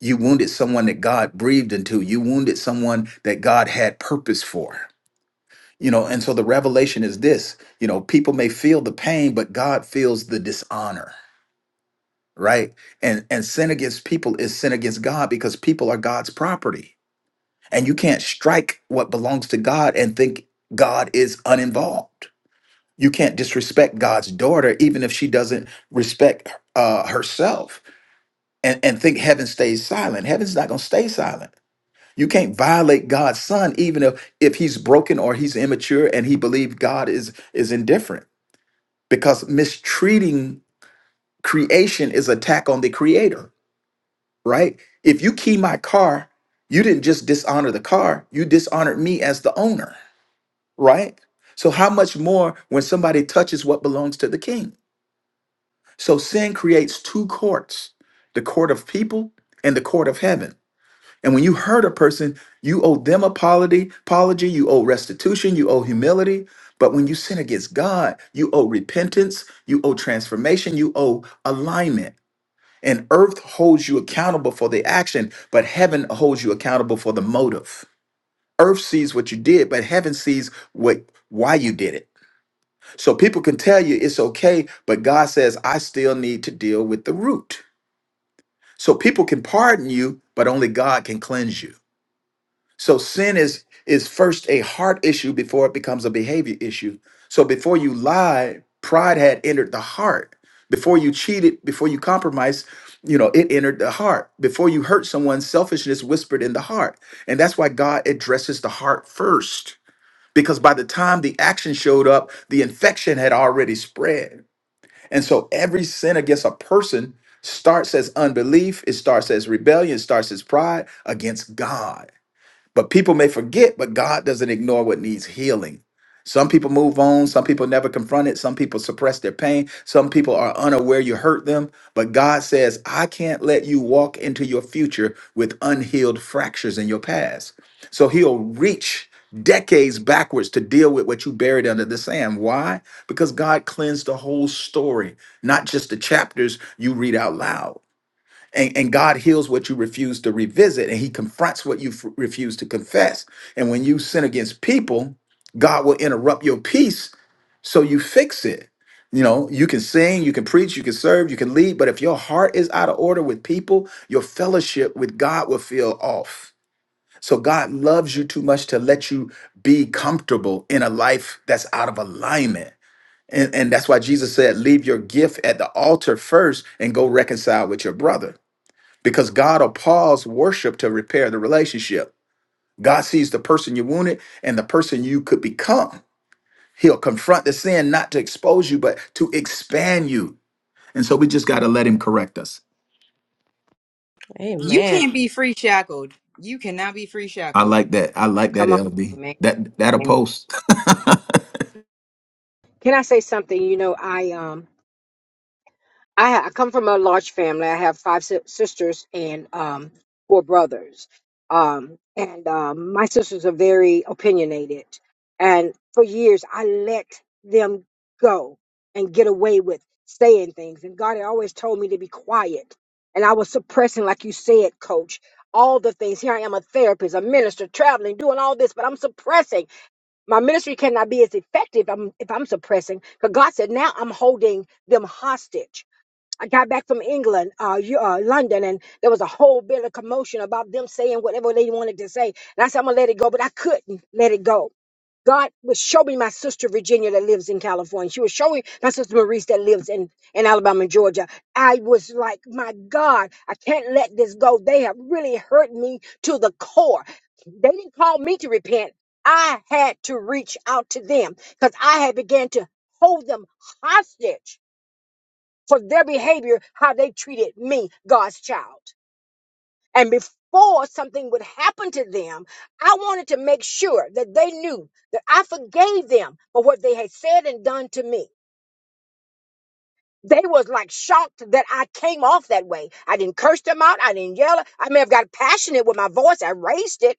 B: You wounded someone that God breathed into. You wounded someone that God had purpose for. You know, and so the revelation is this, you know, people may feel the pain, but God feels the dishonor, right? And and sin against people is sin against God because people are God's property. And you can't strike what belongs to God and think God is uninvolved. You can't disrespect God's daughter even if she doesn't respect uh, herself and, and think heaven stays silent. Heaven's not going to stay silent. You can't violate God's son even if if he's broken or he's immature and he believes God is is indifferent because mistreating creation is attack on the creator, right? If you key my car, you didn't just dishonor the car, you dishonored me as the owner, right? So how much more when somebody touches what belongs to the king? So sin creates two courts, the court of people and the court of heaven. And when you hurt a person, you owe them apology, apology, you owe restitution, you owe humility. But when you sin against God, you owe repentance, you owe transformation, you owe alignment. And earth holds you accountable for the action, but heaven holds you accountable for the motive. Earth sees what you did, but heaven sees what why you did it. So people can tell you it's okay, but God says I still need to deal with the root. So people can pardon you, but only God can cleanse you. So sin is is first a heart issue before it becomes a behavior issue. So before you lied, pride had entered the heart. Before you cheated, before you compromised, you know, it entered the heart. Before you hurt someone, selfishness whispered in the heart. And that's why God addresses the heart first. Because by the time the action showed up, the infection had already spread. And so every sin against a person starts as unbelief, it starts as rebellion, it starts as pride against God. But people may forget, but God doesn't ignore what needs healing. Some people move on, some people never confront it, some people suppress their pain, some people are unaware you hurt them. But God says, I can't let you walk into your future with unhealed fractures in your past. So He'll reach decades backwards to deal with what you buried under the sand. Why? Because God cleansed the whole story, not just the chapters you read out loud and, and God heals what you refuse to revisit, and He confronts what you f- refuse to confess. And when you sin against people, God will interrupt your peace so you fix it. You know, you can sing, you can preach, you can serve, you can lead, but if your heart is out of order with people, your fellowship with God will feel off. So God loves you too much to let you be comfortable in a life that's out of alignment. And, and that's why Jesus said, Leave your gift at the altar first and go reconcile with your brother because God will pause worship to repair the relationship. God sees the person you wounded and the person you could become. He'll confront the sin not to expose you, but to expand you. And so we just got to let him correct us.
A: you
C: Amen.
A: can't be free shackled you cannot be free
B: I
A: shackled
B: like that. I like that,
E: Come on,
B: LB. That that'll
E: man.
B: post.
E: Can I say something? You know, I um, I, ha- I come from a large family. I have five si- sisters and um, four brothers. Um, and um, my sisters are very opinionated, and for years I let them go and get away with saying things. And God had always told me to be quiet, and I was suppressing, like you said, Coach. All the things. Here I am, a therapist, a minister, traveling, doing all this, but I'm suppressing. my ministry cannot be as effective um, if I'm suppressing. Because God said, now I'm holding them hostage I got back from England, uh, Eu- uh, London, and there was a whole bit of commotion about them saying whatever they wanted to say. And I said, I'm going to let it go, but I couldn't let it go. God was showing me my sister Virginia that lives in California. She was showing my sister Maurice that lives in, in Alabama and Georgia. I was like, my God, I can't let this go. They have really hurt me to the core. They didn't call me to repent. I had to reach out to them because I had began to hold them hostage for their behavior, how they treated me, God's child. And before something would happen to them, I wanted to make sure that they knew that I forgave them for what they had said and done to me. They was like shocked that I came off that way. I didn't curse them out. I didn't yell. I may have got passionate with my voice. I raised it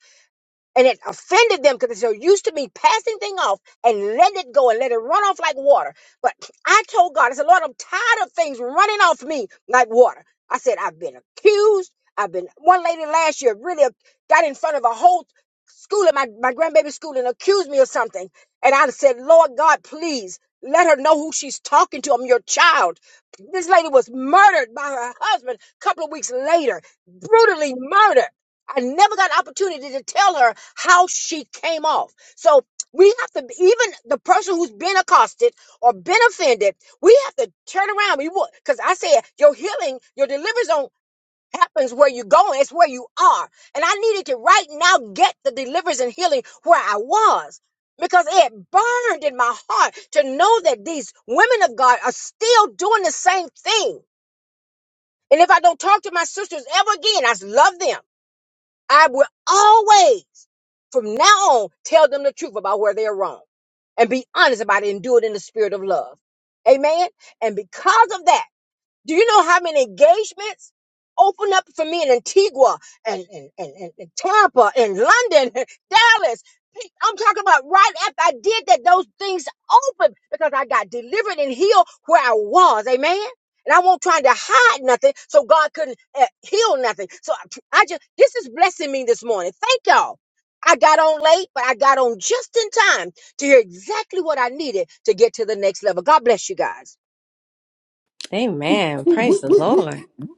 E: and it offended them because they're so used to me passing thing off and let it go and let it run off like water. But I told God, I said, Lord, I'm tired of things running off me like water. I said, I've been accused. I've been one lady last year really got in front of a whole school at my, my grandbaby's school and accused me of something. And I said, Lord God, please let her know who she's talking to. I'm your child. This lady was murdered by her husband a couple of weeks later, brutally murdered. I never got an opportunity to tell her how she came off. So we have to, even the person who's been accosted or been offended, we have to turn around. We because I said your healing, your deliverance don't happens where you're going, it's where you are. And I needed to right now get the deliverance and healing where I was. Because it burned in my heart to know that these women of God are still doing the same thing. And if I don't talk to my sisters ever again, I love them. I will always, from now on, tell them the truth about where they're wrong and be honest about it and do it in the spirit of love. Amen. And because of that, do you know how many engagements opened up for me in Antigua and, and, and, and, and Tampa and London, Dallas? I'm talking about right after I did that, those things opened because I got delivered and healed where I was. Amen. And I won't trying to hide nothing so God couldn't uh, heal nothing. So I, I just, this is blessing me this morning. Thank y'all. I got on late, but I got on just in time to hear exactly what I needed to get to the next level. God bless you guys.
C: Amen. Praise
B: Whoop,
C: the
B: whoop, whoop,
C: Lord.
B: whoop.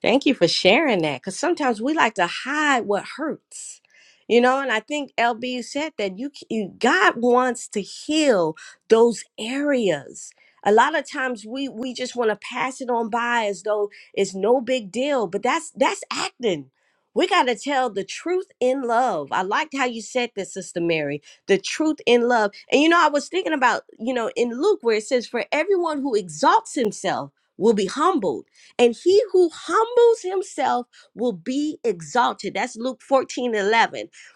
C: Thank you for sharing that because sometimes we like to hide what hurts. You know, and I think LB said that you, c- you God wants to heal those areas. A lot of times we we just want to pass it on by as though it's no big deal, but that's that's acting. We got to tell the truth in love. I liked how you said that, Sister Mary. The truth in love. And you know, I was thinking about, you know, in Luke where it says for everyone who exalts himself will be humbled and he who humbles himself will be exalted. That's Luke 14 11.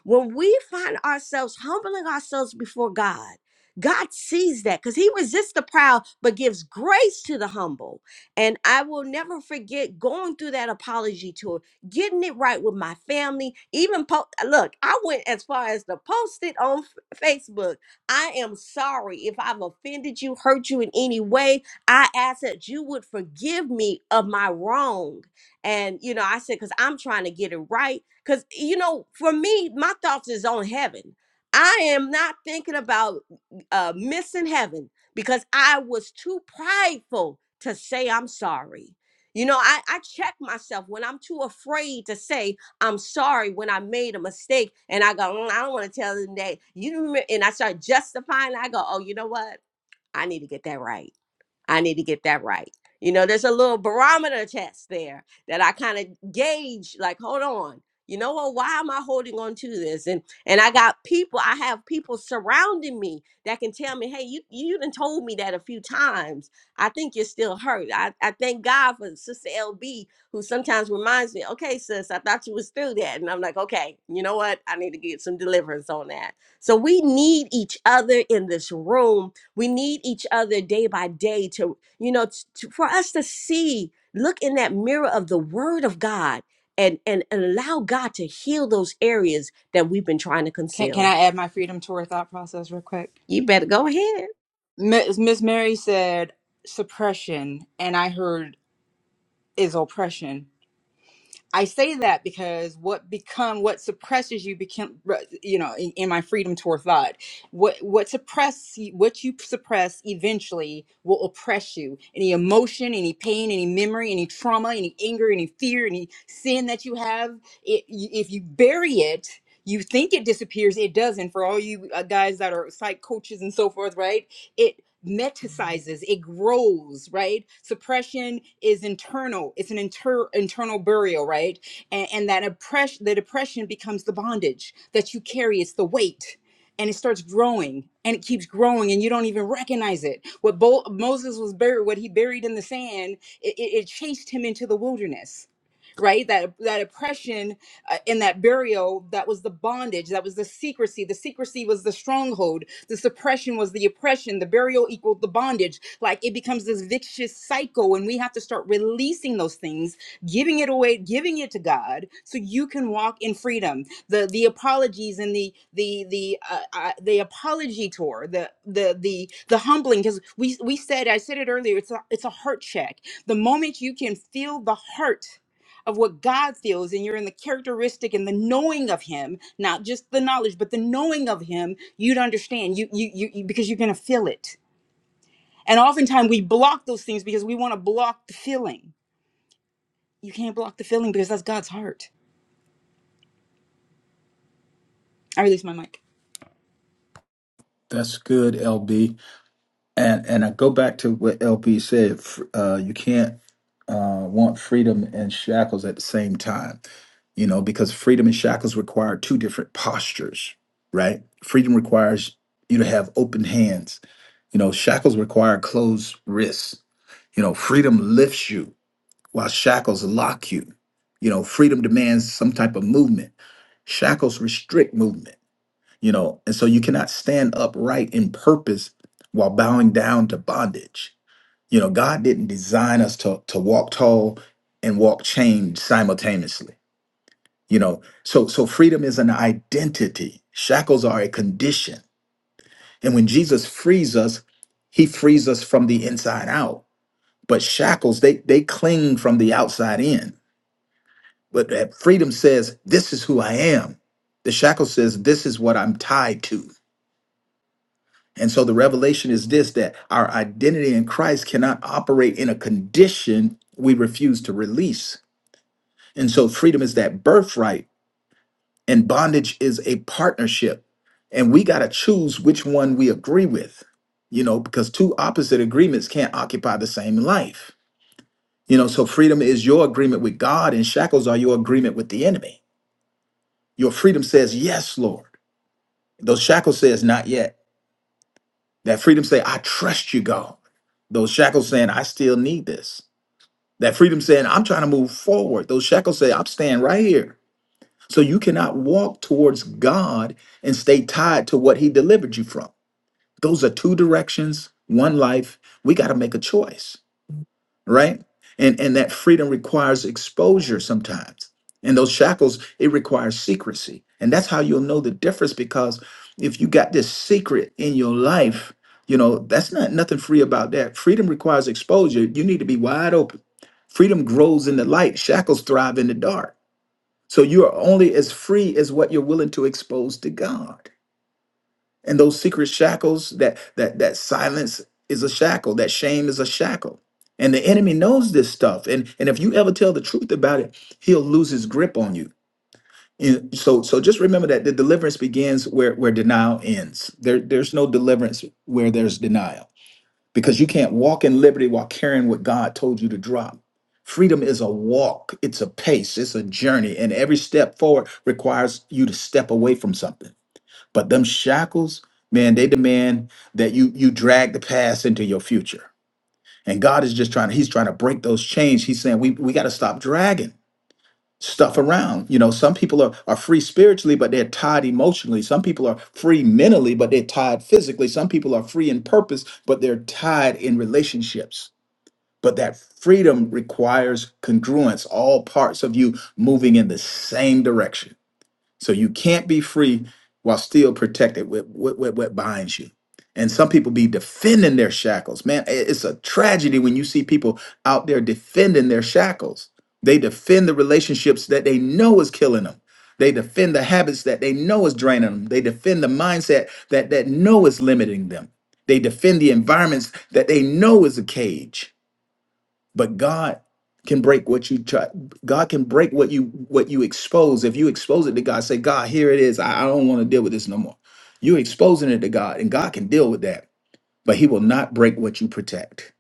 C: When we find ourselves humbling ourselves before God, God sees that because he resists the proud but gives grace to the humble. And I will never forget going through that apology tour, getting it right with my family. Even po- look, I went as far as to post it on F- Facebook. I am sorry if I've offended you, hurt you in any way. I ask that you would forgive me of my wrong. And, you know, I said, because I'm trying to get it right. Because, you know, for me, my thoughts is on heaven. I am not thinking about uh, missing heaven because I was too prideful to say I'm sorry. You know, I, I check myself when I'm too afraid to say I'm sorry when I made a mistake and I go, "Mm, I don't want to tell them that you remember, and I start justifying. I go, oh, you know what? I need to get that right I need to get that right. You know, there's a little barometer test there that I kind of gauge, like, hold on, you know what? Why am I holding on to this? And and I got people, I have people surrounding me that can tell me, hey, you you done told me that a few times. I think you're still hurt. I, I thank God for Sister LB, who sometimes reminds me, okay, sis, I thought you was through that. And I'm like, okay, you know what? I need to get some deliverance on that. So we need each other in this room we need each other day by day to, you know, to, for us to see, look in that mirror of the Word of God and, and, and allow God to heal those areas that we've been trying to
A: can, can
C: conceal.
A: i add my freedom to her thought process real quick
C: You better go ahead.
A: miss Miss mary said suppression and i heard is oppression. I say that because what become what suppresses you become you know in, in my freedom toward thought what what suppress what you suppress eventually will oppress you any emotion any pain any memory any trauma any anger any fear any sin that you have it, y- if you bury it you think it disappears it doesn't for all you uh, guys that are psych coaches and so forth right metasizes it grows right suppression is internal it's an inter- internal burial right and, and that oppression the depression becomes the bondage that you carry it's the weight and it starts growing and it keeps growing and you don't even recognize it what Bo- moses was buried what he buried in the sand it, it it chased him into the wilderness right that that oppression uh, in that burial that was the bondage that was the secrecy the secrecy was the stronghold the suppression was the oppression the burial equaled the bondage like it becomes this vicious cycle and we have to start releasing those things giving it away giving it to god so you can walk in freedom the the apologies and the the the uh, uh, the apology tour the the the the humbling because we we said i said it earlier it's a it's a heart check the moment you can feel the heart of what God feels, and you're in the characteristic and the knowing of Him, not just the knowledge, but the knowing of Him, you'd understand. You, you, you, you- because you're gonna feel it. And oftentimes we block those things because we want to block the feeling. You can't block the feeling because that's God's heart. I release my mic.
B: That's good, LB. And and I go back to what LB said. f- Uh, you can't. uh, want freedom and shackles at the same time, you know, because freedom and shackles require two different postures, right? Freedom requires you to have open hands, you know, shackles require closed wrists. You know, freedom lifts you while shackles lock you. You know, freedom demands some type of movement, shackles restrict movement, you know, and so you cannot stand upright in purpose while bowing down to bondage you know, God didn't design us to to walk tall and walk chained simultaneously. You know, so so freedom is an identity. Shackles are a condition. And when Jesus frees us, he frees us from the inside out. But shackles, they they cling from the outside in. But that freedom says, this is who I am. The shackle says, this is what I'm tied to. And so the revelation is this that our identity in Christ cannot operate in a condition we refuse to release And so freedom is that birthright, and bondage is a partnership. And we got to choose which one we agree with, you know, because two opposite agreements can't occupy the same life. You know, so freedom is your agreement with God, and shackles are your agreement with the enemy. Your freedom says, Yes, Lord. Those shackles says, Not yet. That freedom say, I trust you, God. Those shackles saying, I still need this. That freedom saying, I'm trying to move forward. Those shackles say, I'm staying right here. So you cannot walk towards God and stay tied to what he delivered you from. Those are two directions, one life. We got to make a choice, right? And and that freedom requires exposure sometimes. And those shackles, it requires secrecy. And that's how you'll know the difference because if you got this secret in your life, you know, that's not nothing free about that. Freedom requires exposure. You need to be wide open. Freedom grows in the light, shackles thrive in the dark. So you are only as free as what you're willing to expose to God. And those secret shackles, that that that silence is a shackle, that shame is a shackle. And the enemy knows this stuff. And and if you ever tell the truth about it, he'll lose his grip on you. And so so just remember that the deliverance begins where where denial ends. There there's no deliverance where there's denial because you can't walk in liberty while carrying what God told you to drop. Freedom is a walk, it's a pace, it's a journey, and every step forward requires you to step away from something. But them shackles, man, they demand that you you drag the past into your future. And God is just trying He's trying to break those chains. He's saying we, we got to stop dragging stuff around. You know, some people are, are free spiritually, but they're tied emotionally. Some people are free mentally, but they're tied physically. Some people are free in purpose, but they're tied in relationships. But that freedom requires congruence, all parts of you moving in the same direction. So you can't be free while still protected with what, what, what binds you. And some people be defending their shackles. Man, i- it's a tragedy when you see people out there defending their shackles. They defend the relationships that they know is killing them. They defend the habits that they know is draining them. They defend the mindset that that know is limiting them. They defend the environments that they know is a cage but God can break what you try. God can break what you what you expose. If you expose it to God, say, God, here it is. I, I don't want to deal with this no more. You're exposing it to God, and God can deal with that, but He will not break what you protect.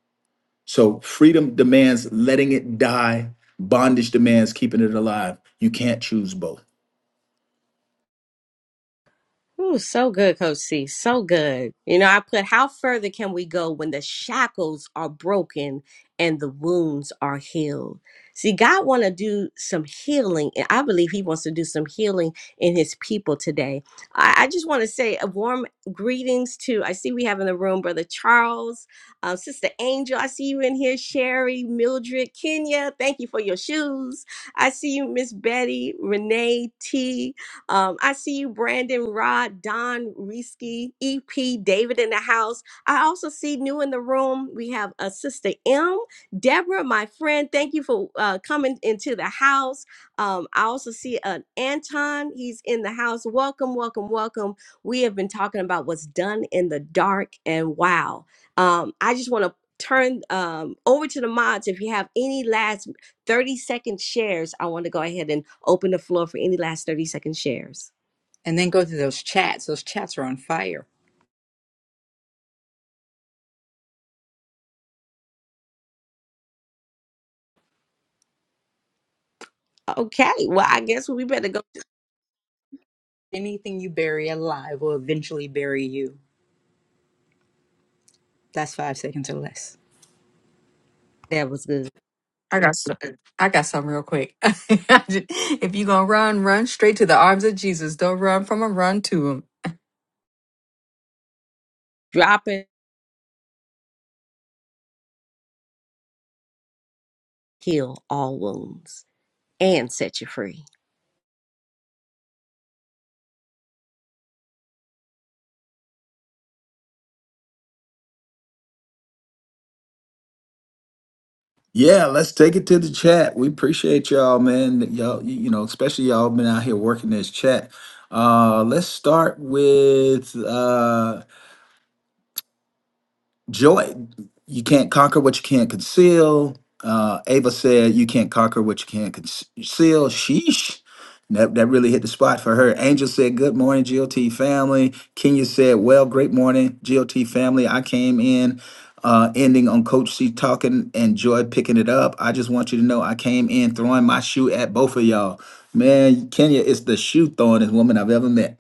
B: So freedom demands letting it die. Bondage demands keeping it alive. You can't choose both.
C: Ooh, so good, Coach C. So good. You know, I put how further can we go when the shackles are broken and the wounds are healed? See, God want to do some healing, and I believe He wants to do some healing in His people today. I, I just want to say a warm greetings to. I see we have in the room Brother Charles, uh, Sister Angel. I see you in here, Sherry, Mildred, Kenya. Thank you for your shoes. I see you, Miss Betty, Renee T. Um, I see you, Brandon, Rod, Don, Risky, EP, David in the house. I also see new in the room. We have a sister M, Deborah, my friend. Thank you for uh, coming into the house. Um, I also see an Anton. He's in the house. Welcome, welcome, welcome. We have been talking about what's done in the dark, and wow. Um, I just want to turn um, over to the mods if you have any last 30 second shares, I want to go ahead and open the floor for any last 30 second shares.
A: And then go to those chats. Those chats are on fire.
C: Okay, well, I guess we better go.
A: Anything you bury alive will eventually bury you. That's five seconds or less.
C: That was good.
D: I got some. I got some real quick. if you gonna run, run straight to the arms of Jesus. Don't run from him. Run to him.
C: Drop it, heal all wounds, and set you free.
B: Yeah, let's take it to the chat. We appreciate y'all, man. Y'all, you you know, especially y'all been out here working this chat. Uh, let's start with uh joy you can't conquer what you can't conceal uh ava said you can't conquer what you can't conceal sheesh that, that really hit the spot for her angel said good morning GOT family kenya said well great morning GOT family i came in uh ending on coach c talking and joy picking it up i just want you to know i came in throwing my shoe at both of y'all man kenya is the shoe throwingest woman i've ever met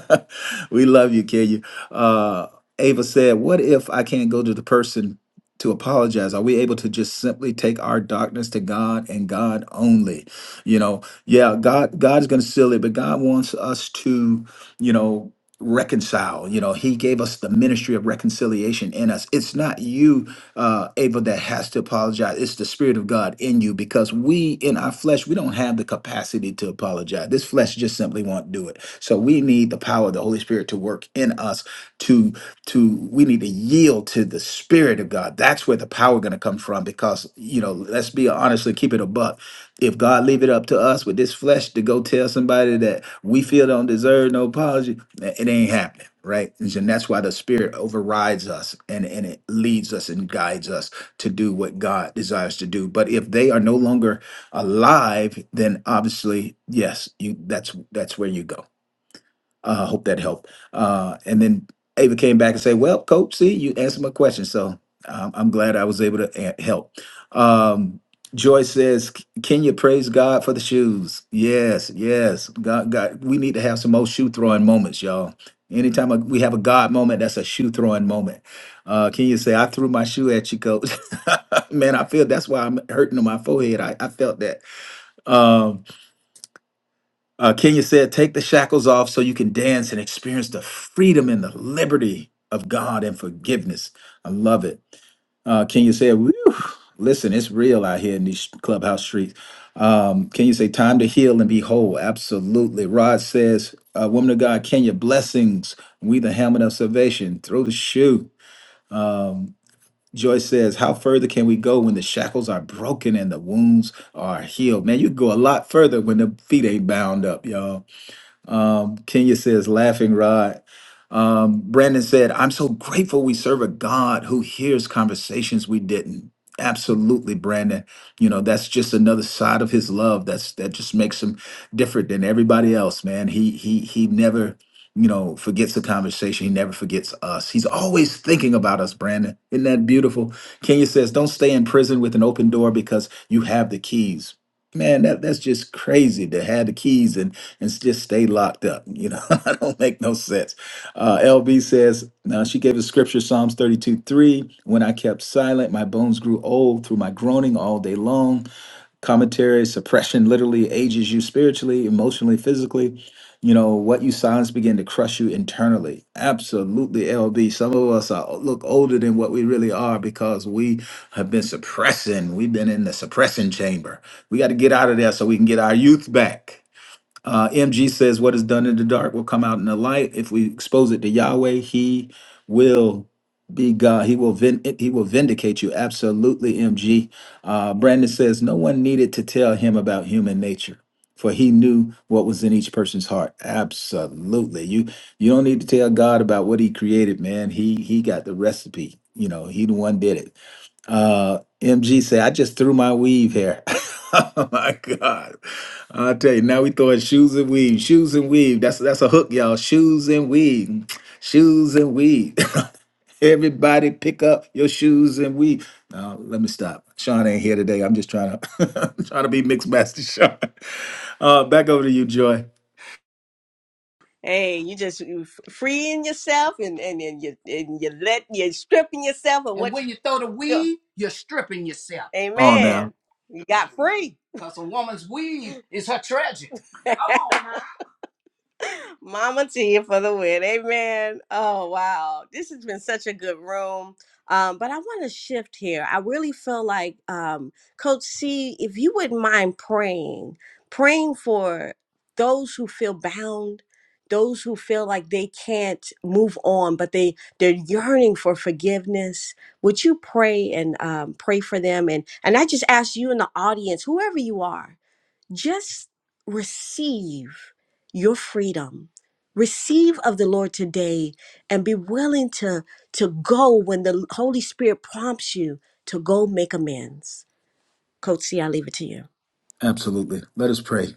B: we love you kenya Uh, Ava said, What if I can't go to the person to apologize? Are we able to just simply take our darkness to God and God only? You know, yeah, God, God is gonna seal it, but God wants us to, you know, reconcile. You know, He gave us the ministry of reconciliation in us. It's not you, uh, Ava, that has to apologize. It's the Spirit of God in you because we in our flesh, we don't have the capacity to apologize. This flesh just simply won't do it. So we need the power of the Holy Spirit to work in us to." to we need to yield to the spirit of God. That's where the power going to come from because you know, let's be honest and keep it a buck. If God leave it up to us with this flesh to go tell somebody that we feel don't deserve no apology, eh, it ain't happening, right? And that's why the spirit overrides us and and it leads us and guides us to do what God desires to do. But if they are no longer alive, then obviously, yes, you that's that's where you go uh, hope that helped. Uh, and then Ava came back and said, "Well, coach, see, you answered my question, so um, I'm glad I was able to a- help." Um, Joy says, "C- "Kenya, praise God for the shoes. Yes, yes, God, God, we need to have some more shoe throwing moments, y'all. Anytime a- we have a God moment, that's a shoe throwing moment. Uh, Kenya say, I threw my shoe at you, coach. Man, I feel that's why I'm hurting on my forehead. I, I felt that. Um, uh, Kenya said, Take the shackles off so you can dance and experience the freedom and the liberty of God and forgiveness. I love it. Uh, Kenya said, Whew, Listen, it's real out here in these clubhouse streets. Um, Kenya say, Time to heal and be whole. Absolutely. Rod says, uh, Woman of God, Kenya, blessings. We the helmet of salvation. Throw the shoe. Um, Joyce says, How further can we go when the shackles are broken and the wounds are healed? Man, you can go a lot further when the feet ain't bound up, y'all. Um, Kenya says, laughing Rod. Um, Brandon said, I'm so grateful we serve a God who hears conversations we didn't. Absolutely, Brandon. You know, that's just another side of his love. That's that just makes him different than everybody else, man. He he he never, you know, forgets the conversation. He never forgets us. He's always thinking about us, Brandon. Isn't that beautiful? Kenya says, Don't stay in prison with an open door because you have the keys. Man, that, that's just crazy to have the keys and s- just stay locked up. You know, I don't make no sense. Uh, LB says, now she gave us scripture, Psalms 32 3. When I kept silent, my bones grew old through my groaning all day long. Commentary, suppression literally ages you spiritually, emotionally, physically. You know, what you silence begin to crush you internally. Absolutely, LB. Some of us are, look older than what we really are because we have been suppressing. We've been in the suppressing chamber. We got to get out of there so we can get our youth back. Uh, MG says, What is done in the dark will come out in the light. If we expose it to Yahweh, He will be God. He will vin- He will vindicate you. Absolutely, MG. Uh, Brandon says, No one needed to tell him about human nature. For he knew what was in each person's heart. Absolutely, you you don't need to tell God about what He created, man. He He got the recipe. You know, He the one did it. Uh, MG say, I just threw my weave here. oh my God. I'll tell you, now we throwing shoes and weave, shoes and weave. That's that's a hook, y'all. Shoes and weave, shoes and weave. Everybody pick up your shoes and weave. Now let me stop. Sean ain't here today. I'm just trying to trying to be mixed master Sean. Uh, back over to you, Joy.
C: Hey, you just you f- freeing yourself and and, and you and you let you stripping yourself of And what when you throw the you feel. weave, you're stripping yourself.
B: On now.
C: Amen. You got free. Because a woman's weave is her treasure. Come on. Mama Tia for the win. Amen. Oh, wow. This has been such a good room. Um, but I want to shift here. I really feel like, um, Coach C, if you wouldn't mind praying, praying for those who feel bound, those who feel like they can't move on, but they they're yearning for forgiveness. Would you pray and um, pray for them? And and I just ask you in the audience, whoever you are, just receive your freedom receive of the lord today and be willing to to go when the holy spirit prompts you to go make amends coach c i leave it to you
B: Absolutely. Let us pray.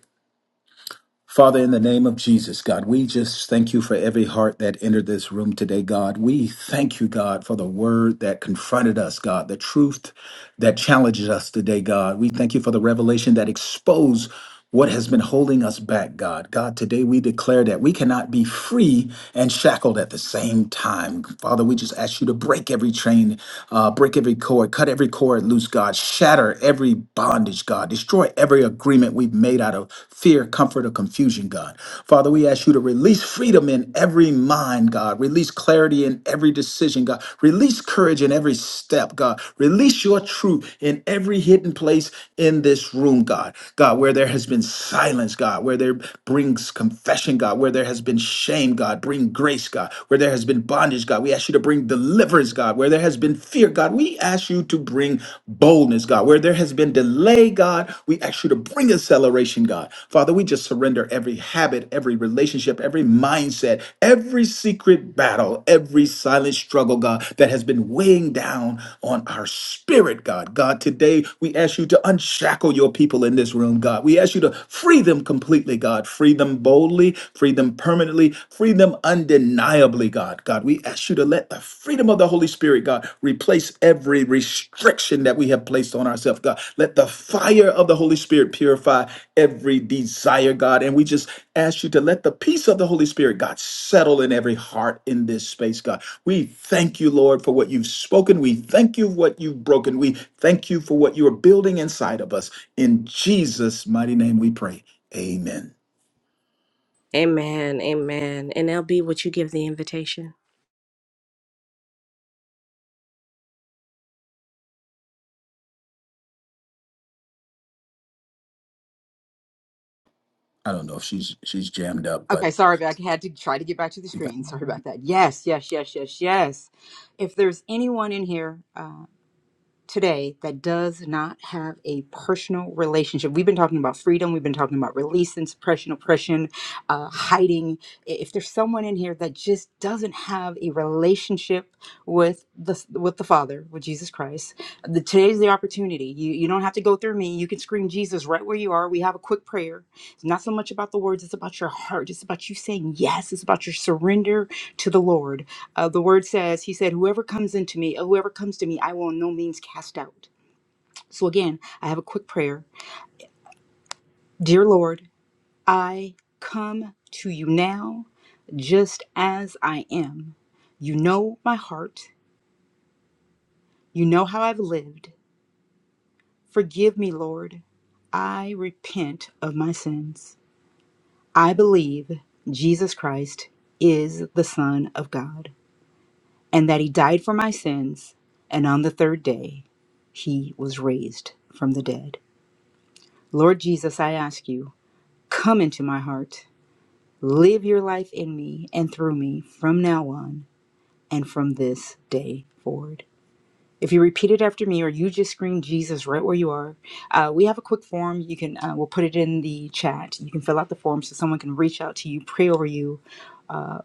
B: Father, in the name of Jesus, God, we just thank you for every heart that entered this room today, God. We thank you, God, for the word that confronted us, God, the truth that challenges us today, God. We thank you for the revelation that exposed what has been holding us back, God. God, today we declare that we cannot be free and shackled at the same time. Father, we just ask you to break every chain, uh, break every cord, cut every cord loose, God. Shatter every bond bondage, God. Destroy every agreement we've made out of fear, comfort, or confusion, God. Father, we ask you to release freedom in every mind, God. Release clarity in every decision, God. Release courage in every step, God. Release your truth in every hidden place in this room, God. God, where there has been silence, God, where there brings confession, God, where there has been shame, God, bring grace, God, where there has been bondage, God. We ask you to bring deliverance, God, where there has been fear, God. We ask you to bring boldness, God. Where there has been delay, God, we ask you to bring acceleration, God. Father, we just surrender every habit, every relationship, every mindset, every secret battle, every silent struggle, God, that has been weighing down on our spirit, God. God, today we ask you to unshackle your people in this room, God. We ask you to free them completely, God. Free them boldly, free them permanently, free them undeniably undeniably, God. God, we ask you to let the freedom of the Holy Spirit, God, replace every restriction that we have placed on ourselves, God. Let the fire of the Holy Spirit purify every desire, God. And we just ask you to let the peace of the Holy Spirit, God, settle in every heart in this space, God. We thank you, Lord, for what you've spoken. We thank you for what you've broken. We thank you for what you are building inside of us. In Jesus' mighty name we pray. Amen.
C: Amen. Amen. And LB, would you give the invitation?
B: I don't know if she's she's jammed up,
A: Okay,
B: but
A: sorry, but I had to try to get back to the screen. Sorry about that. Yes, yes, yes, yes, yes. If there's anyone in here, today that does not have a personal relationship. We've been talking about freedom, we've been talking about release and suppression, oppression, uh, hiding. I- If there's someone in here that just doesn't have a relationship with the with the Father, with Jesus Christ, the, today's the opportunity. You you don't have to go through me. You can scream Jesus right where you are. We have a quick prayer. It's not so much about the words, it's about your heart. It's about you saying yes. It's about your surrender to the Lord. Uh, the word says, He said, Whoever comes into me, uh, whoever comes to me, I will in no means cast out. So again, I have a quick prayer. Dear Lord, I come to you now just as I am. You know my heart, you know how I've lived. Forgive me, Lord. I repent of my sins. I believe Jesus Christ is the Son of God and that He died for my sins, and on the third day He was raised from the dead. Lord Jesus, I ask you, come into my heart. Live your life in me and through me from now on and from this day forward. If you repeat it after me or you just scream Jesus right where you are, uh, we have a quick form. You can, uh, we'll put it in the chat. You can fill out the form so someone can reach out to you, pray over you, uh,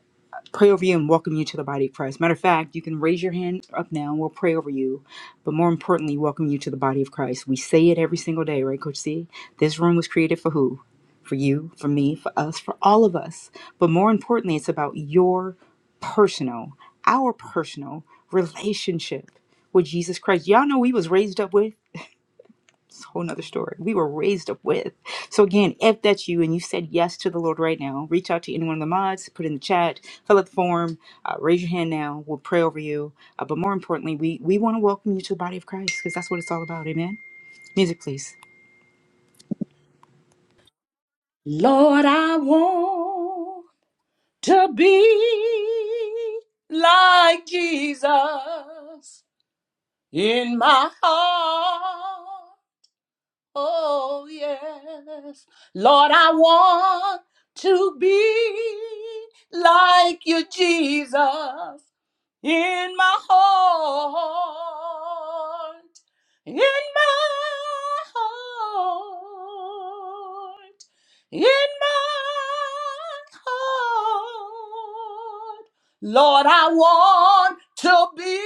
A: pray over you and welcome you to the body of Christ. Matter of fact, you can raise your hand up now and we'll pray over you. But more importantly, welcome you to the body of Christ. We say it every single day, right, Coach C? This room was created for who? For you, for me, for us, for all of us. But more importantly, it's about your personal, our personal relationship with Jesus Christ. Y'all know we was raised up with. It's a whole nother story. We were raised up with. So again, if that's you and you said yes to the Lord right now, reach out to any one of the mods, put in the chat, fill out the form, uh, raise your hand now. We'll pray over you. Uh, but more importantly, we we want to welcome you to the body of Christ because that's what it's all about. Amen. Music, please.
C: Lord, I want to be like Jesus in my heart. Oh, yes. Lord, I want to be like you, Jesus in my heart, in my heart, in my heart. Lord, I want to be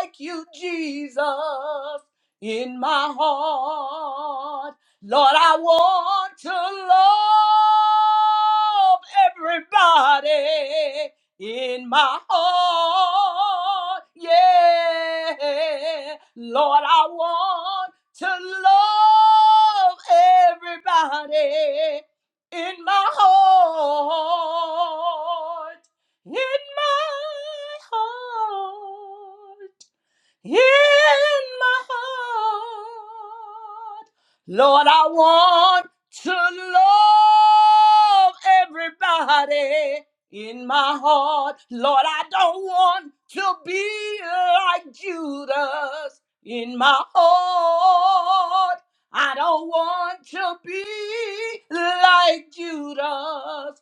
C: like you, Jesus, in my heart. Lord, I want to love everybody in my heart. Yeah, Lord, I want to love everybody in my heart. In my heart in my heart. Lord, I want to love everybody in my heart. Lord, I don't want to be like Judas in my heart. I don't want to be like Judas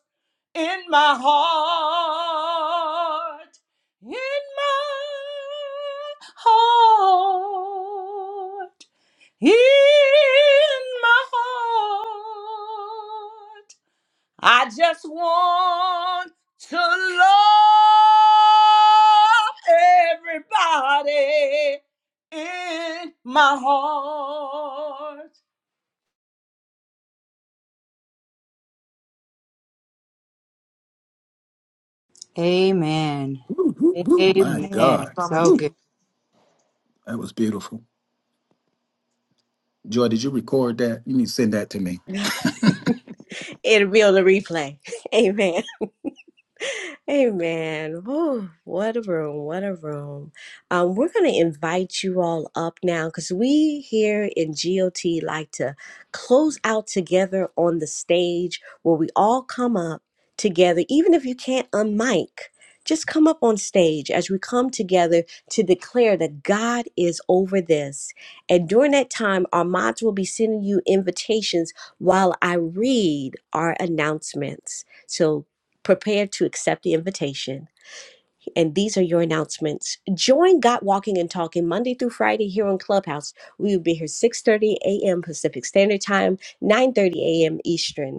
C: in my heart, in my heart, in my heart. I just want to love everybody in my heart.
A: Amen.
B: Woo, woo, woo. My
A: Amen.
B: God.
D: Mama
A: So
B: Woo.
A: good.
B: That was beautiful. Joy, did you record that? You need to send that to me.
C: It'll be on the replay. Amen. Amen. Whew, what a room, what a room. Um, we're going to invite you all up now because we here in GOT like to close out together on the stage where we all come up together, even if you can't unmic. Just come up on stage as we come together to declare that God is over this. And during that time, our mods will be sending you invitations while I read our announcements. So prepare to accept the invitation. And these are your announcements. Join God Walking and Talking Monday through Friday here on Clubhouse. We will be here 6:30 a.m. Pacific Standard Time, 9:30 a.m. Eastern.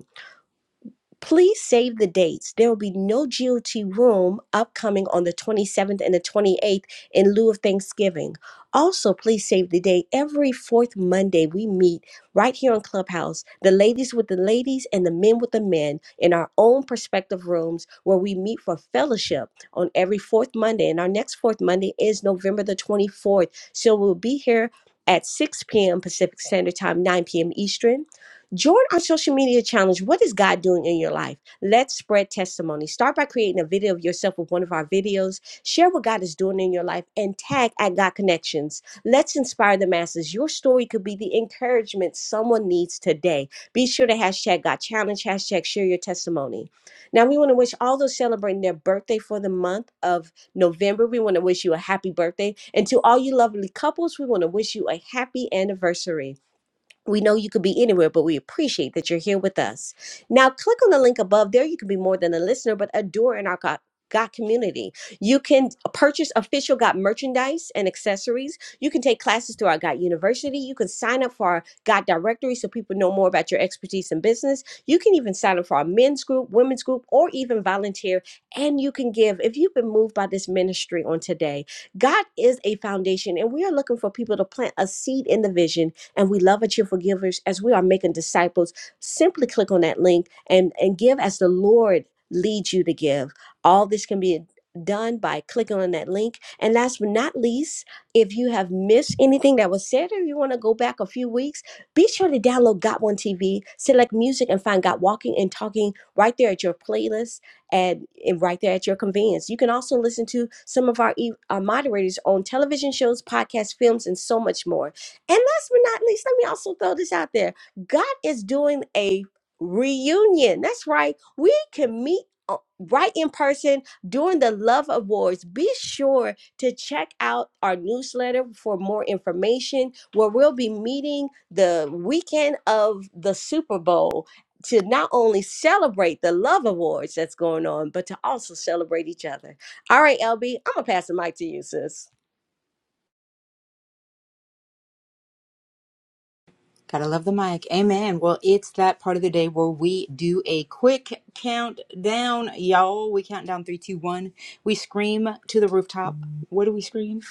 C: Please save the dates. There will be no GOT room upcoming on the 27th and the 28th in lieu of Thanksgiving. Also, please save the date. Every fourth Monday, we meet right here on Clubhouse, the ladies with the ladies and the men with the men in our own perspective rooms where we meet for fellowship on every fourth Monday. And our next fourth Monday is November the 24th. So we'll be here at 6 p.m. Pacific Standard Time, 9 p.m. Eastern. Join our social media challenge. What is God doing in your life? Let's spread testimony. Start by creating a video of yourself with one of our videos. Share what God is doing in your life and tag at God Connections. Let's inspire the masses. Your story could be the encouragement someone needs today. Be sure to hashtag God Challenge, hashtag share your testimony. Now, we want to wish all those celebrating their birthday for the month of November, we want to wish you a happy birthday. And to all you lovely couples, we want to wish you a happy anniversary. We know you could be anywhere, but we appreciate that you're here with us. Now, click on the link above. There, you can be more than a listener, but a doer in our God. God community. You can purchase official God merchandise and accessories. You can take classes through our God University. You can sign up for our God directory so people know more about your expertise in business. You can even sign up for our men's group, women's group, or even volunteer. And you can give if you've been moved by this ministry on today. God is a foundation, and we are looking for people to plant a seed in the vision and we love at your forgivers as we are making disciples simply click on that link and and give as the lord leads you to give all this can be done by clicking on that link and last but not least if you have missed anything that was said or you want to go back a few weeks be sure to download got one tv select music and find got walking and talking right there at your playlist and, and right there at your convenience. You can also listen to some of our, e- our moderators on television shows, podcasts, films, and so much more. And last but not least, let me also throw this out there. God is doing a reunion. That's right. We can meet o- right in person during the Love Awards. Be sure to check out our newsletter for more information where we'll be meeting the weekend of the Super Bowl to not only celebrate the Love Awards that's going on, but to also celebrate each other. All right, LB, I'm going to pass the mic to you, sis.
A: Gotta love the mic. Amen. Well, it's that part of the day where we do a quick countdown, y'all. We count down three, two, one. We scream to the rooftop. What do we scream?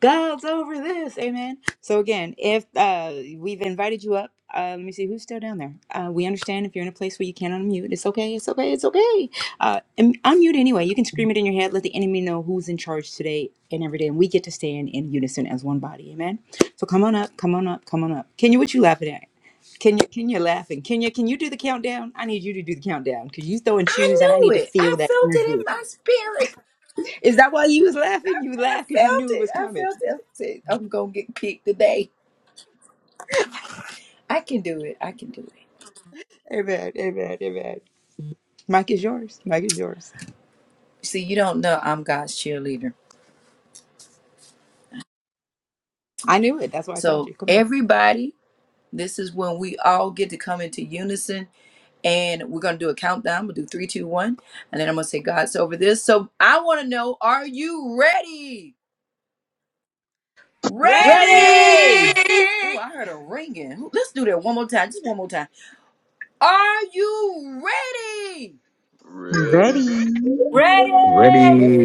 A: God's over this. Amen. So again, if uh, we've invited you up, uh, let me see who's still down there. Uh, we understand if you're in a place where you can't unmute. It's okay. It's okay. It's okay. Uh, and unmute anyway. You can scream it in your head. Let the enemy know who's in charge today and every day, and we get to stand in unison as one body. Amen. So come on up, come on up, come on up. Kenya, what you laughing at? Kenya, Kenya laughing. Kenya, can you do the countdown? I need you to do the countdown because you throwing
G: I
A: shoes and I
G: knew
A: need to
G: it.
A: feel
G: I
A: that
G: felt it
A: energy.
G: in my spirit.
A: Is that why you was laughing? You
G: I
A: laughed because you
G: felt
A: knew it
G: it.
A: was
G: I
A: coming.
G: felt it. I said, I'm going to get picked today. I can do it. I can do it.
A: Amen, amen, amen. Mike is yours. Mike is yours.
G: See, you don't know I'm God's cheerleader.
A: I knew it. That's why I called
G: So,
A: you. Come on.
G: everybody, this is when we all get to come into unison and we're going to do a countdown. We'll do three, two, one. And then I'm going to say, God's over this. So, I want to know, are you ready?
A: Ready!
C: Ready!
G: Oh, I heard a ringing. Let's do that one more time. Just one more time. Are you ready?
H: Ready.
I: Ready.
A: Ready!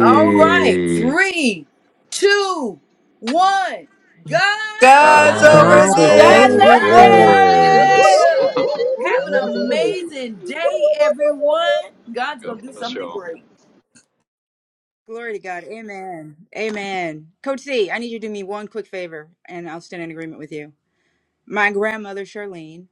G: All right, three, two, one. God's
H: Ask
D: God's
G: over
C: God's
D: over
I: God
J: God's
I: is
C: over
A: God's
D: this.
J: over
I: over
A: over
G: this.
K: God
I: this.
C: this.
K: over
C: Woo, woo,
J: this.
C: woo,
A: this!
C: woo,
G: Hallelujah.
K: this.
C: woo,
G: Have an
I: God is over
C: woo.
G: amazing
K: Ooh.
G: day, everyone.
I: this.
G: God's going to do
H: a
G: something
H: show.
G: great.
A: Glory to God. Amen. Amen. Coach C, I need you to do me one quick favor and I'll stand in agreement with you. my grandmother Charlene.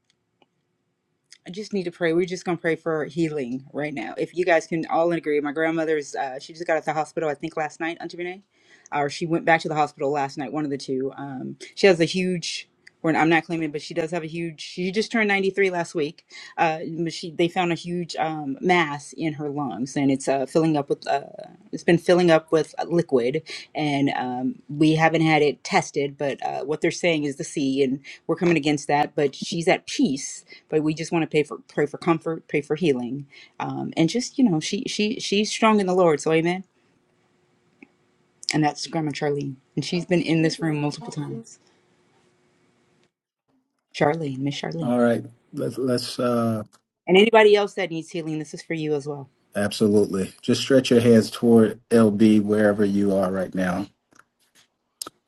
A: I just need to pray. We're just gonna pray for healing right now. If you guys can all agree, my grandmother's uh, she just got out of the hospital. I think last night, Auntie Renee, or she went back to the hospital last night. One of the two. Um, she has a huge we're, I'm not claiming, but she does have a huge. She just turned 93 last week. Uh, she they found a huge um, mass in her lungs, and it's uh, filling up with. Uh, it's been filling up with liquid, and um, we haven't had it tested. But uh, what they're saying is the C, and we're coming against that. But she's at peace. But we just want to pay for pray for comfort, pray for healing, um, and just you know, she she she's strong in the Lord. So amen. And that's Grandma Charlene, and she's been in this room multiple times. Charlene, Miss
B: All
A: Charlene.
B: right. Let's let's uh
A: And anybody else that needs healing, this is for you as well.
B: absolutely. Just stretch your hands toward LB wherever you are right now.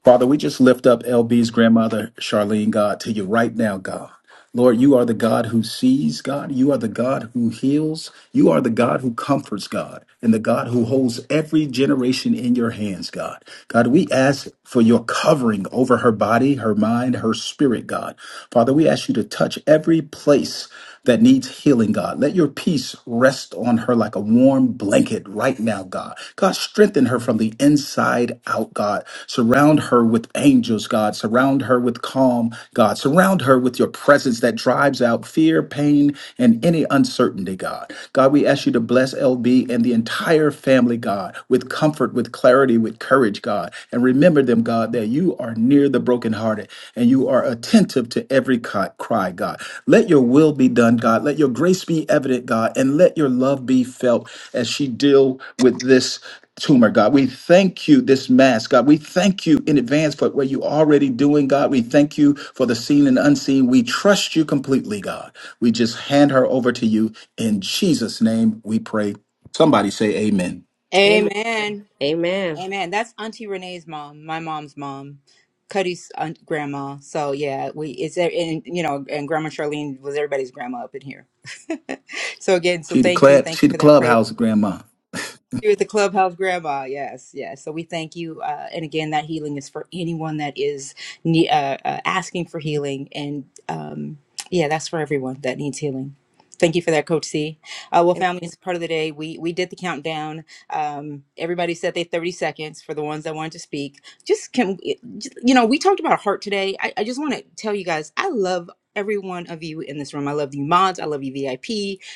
B: Father, we just lift up LB's grandmother, Charlene, God, to you right now, God. Lord, you are the God who sees, God. You are the God who heals. You are the God who comforts, God, and the God who holds every generation in your hands, God. God, we ask for your covering over her body, her mind, her spirit, God. Father, we ask you to touch every place that needs healing, God. Let your peace rest on her like a warm blanket right now, God. God, strengthen her from the inside out, God. Surround her with angels, God. Surround her with calm, God. Surround her with your presence that drives out fear, pain, and any uncertainty, God. God, we ask you to bless LB and the entire family, God, with comfort, with clarity, with courage, God. And remember them, God, That. You are near the brokenhearted and you are attentive to every ki- cry, God. Let your will be done, God. Let your grace be evident, God, and let your love be felt as she deal with this tumor, God. We thank you this mass, God. We thank you in advance for what you already doing, God. We thank you for the seen and unseen. We trust you completely, God. We just hand her over to you in Jesus name. We pray. Somebody say amen.
C: Amen.
A: Amen.
C: Amen.
A: Amen. That's Auntie Renee's mom, my mom's mom, Cuddy's aunt, grandma. So yeah, we it's uh, and you know, and Grandma Charlene was everybody's grandma up in here. so again, so
B: She the
A: thank you,
B: club,
A: thank
B: she
A: you
B: the
A: for that prayer.
B: clubhouse grandma.
A: with the clubhouse grandma yes yes so we thank you uh, and again that healing is for anyone that is ne- uh, uh, asking for healing and um, yeah that's for everyone that needs healing thank you for that coach c uh, well family it's part of the day we we did the countdown um, everybody said they 30 seconds for the ones that wanted to speak just can just- you know we talked about heart today i, I just want to tell you guys i love every one of you in this room i love you mods i love you vip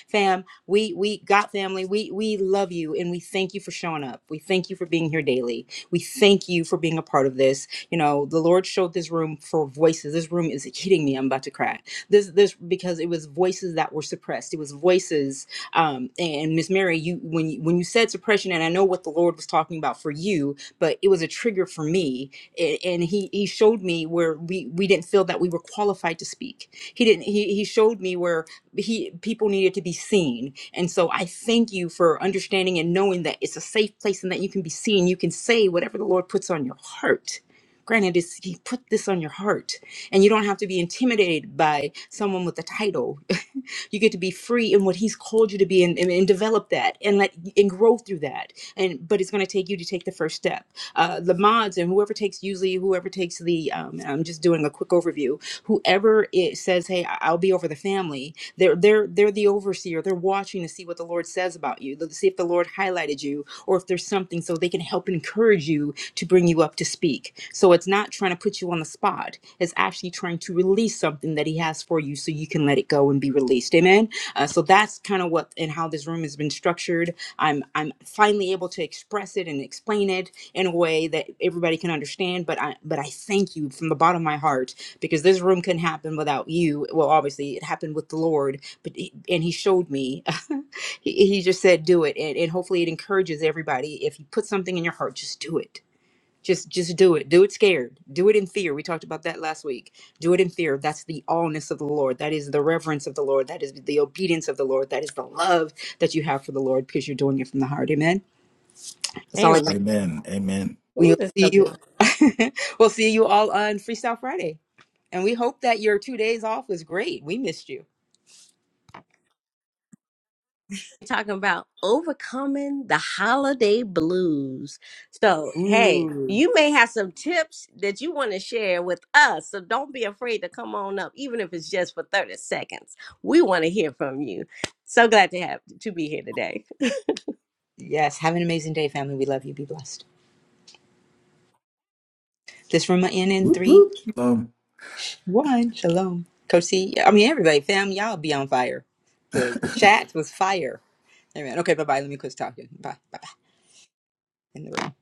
A: fam we we got family, we we love you and we thank you for showing up. We thank you for being here daily. We thank you for being a part of this. You know, the Lord showed this room for voices. This room is hitting me. I'm about to cry. This this because it was voices that were suppressed. It was voices um and Miss Mary, you when you when you said suppression and I know what the Lord was talking about for you, but it was a trigger for me a- and he he showed me where we we didn't feel that we were qualified to speak he didn't he, he showed me where he people needed to be seen and so i thank you for understanding and knowing that it's a safe place and that you can be seen you can say whatever the lord puts on your heart granted it's, he put this on your heart and you don't have to be intimidated by someone with a title you get to be free in what he's called you to be and, and, and develop that and let and grow through that and but it's going to take you to take the first step uh, the mods and whoever takes usually whoever takes the um, I'm just doing a quick overview. Whoever it says, hey, I- I'll be over the family. They're they're they're the overseer. They're watching to see what the Lord says about you, to see if the Lord highlighted you or if there's something so they can help encourage you to bring you up to speak. So it's not trying to put you on the spot. It's actually trying to release something that He has for you so you can let it go and be released. Amen. Uh, so that's kind of what and how this room has been structured. I'm I'm finally able to express it and explain it in a way that everybody can understand but i but i thank you from the bottom of my heart because this room couldn't happen without you well obviously it happened with the lord but he- and he showed me he, he just said do it and, and hopefully it encourages everybody if you put something in your heart just do it just just do it do it scared do it in fear we talked about that last week do it in fear that's the allness of the lord that is the reverence of the lord that is the obedience of the lord that is the love that you have for the lord because you're doing it from the heart amen that's all i
C: Amen.
B: Amen. Amen.
A: We'll
C: Ooh, that's
A: see
C: so
A: you.
C: good.
A: we'll see you all on Freestyle Friday. And we hope that your two days off was great. We missed you.
C: talking about overcoming the holiday blues. So, hey,
A: Ooh.
C: you may have some tips that you want to share with us. So, don't be afraid to come on up, even if it's just for 30 seconds. We want to hear from you. So glad to have to be here today.
A: Yes. Have an amazing day, family. We love you. Be blessed. This from my end in
B: Whoop,
A: three,
B: whoop. Um,
A: one. Shalom. Coach C. yeah, I mean, everybody, fam, y'all be on fire. The chat was fire. Amen. Okay. Bye bye. Let me quit talking. Bye. Bye bye. In the room.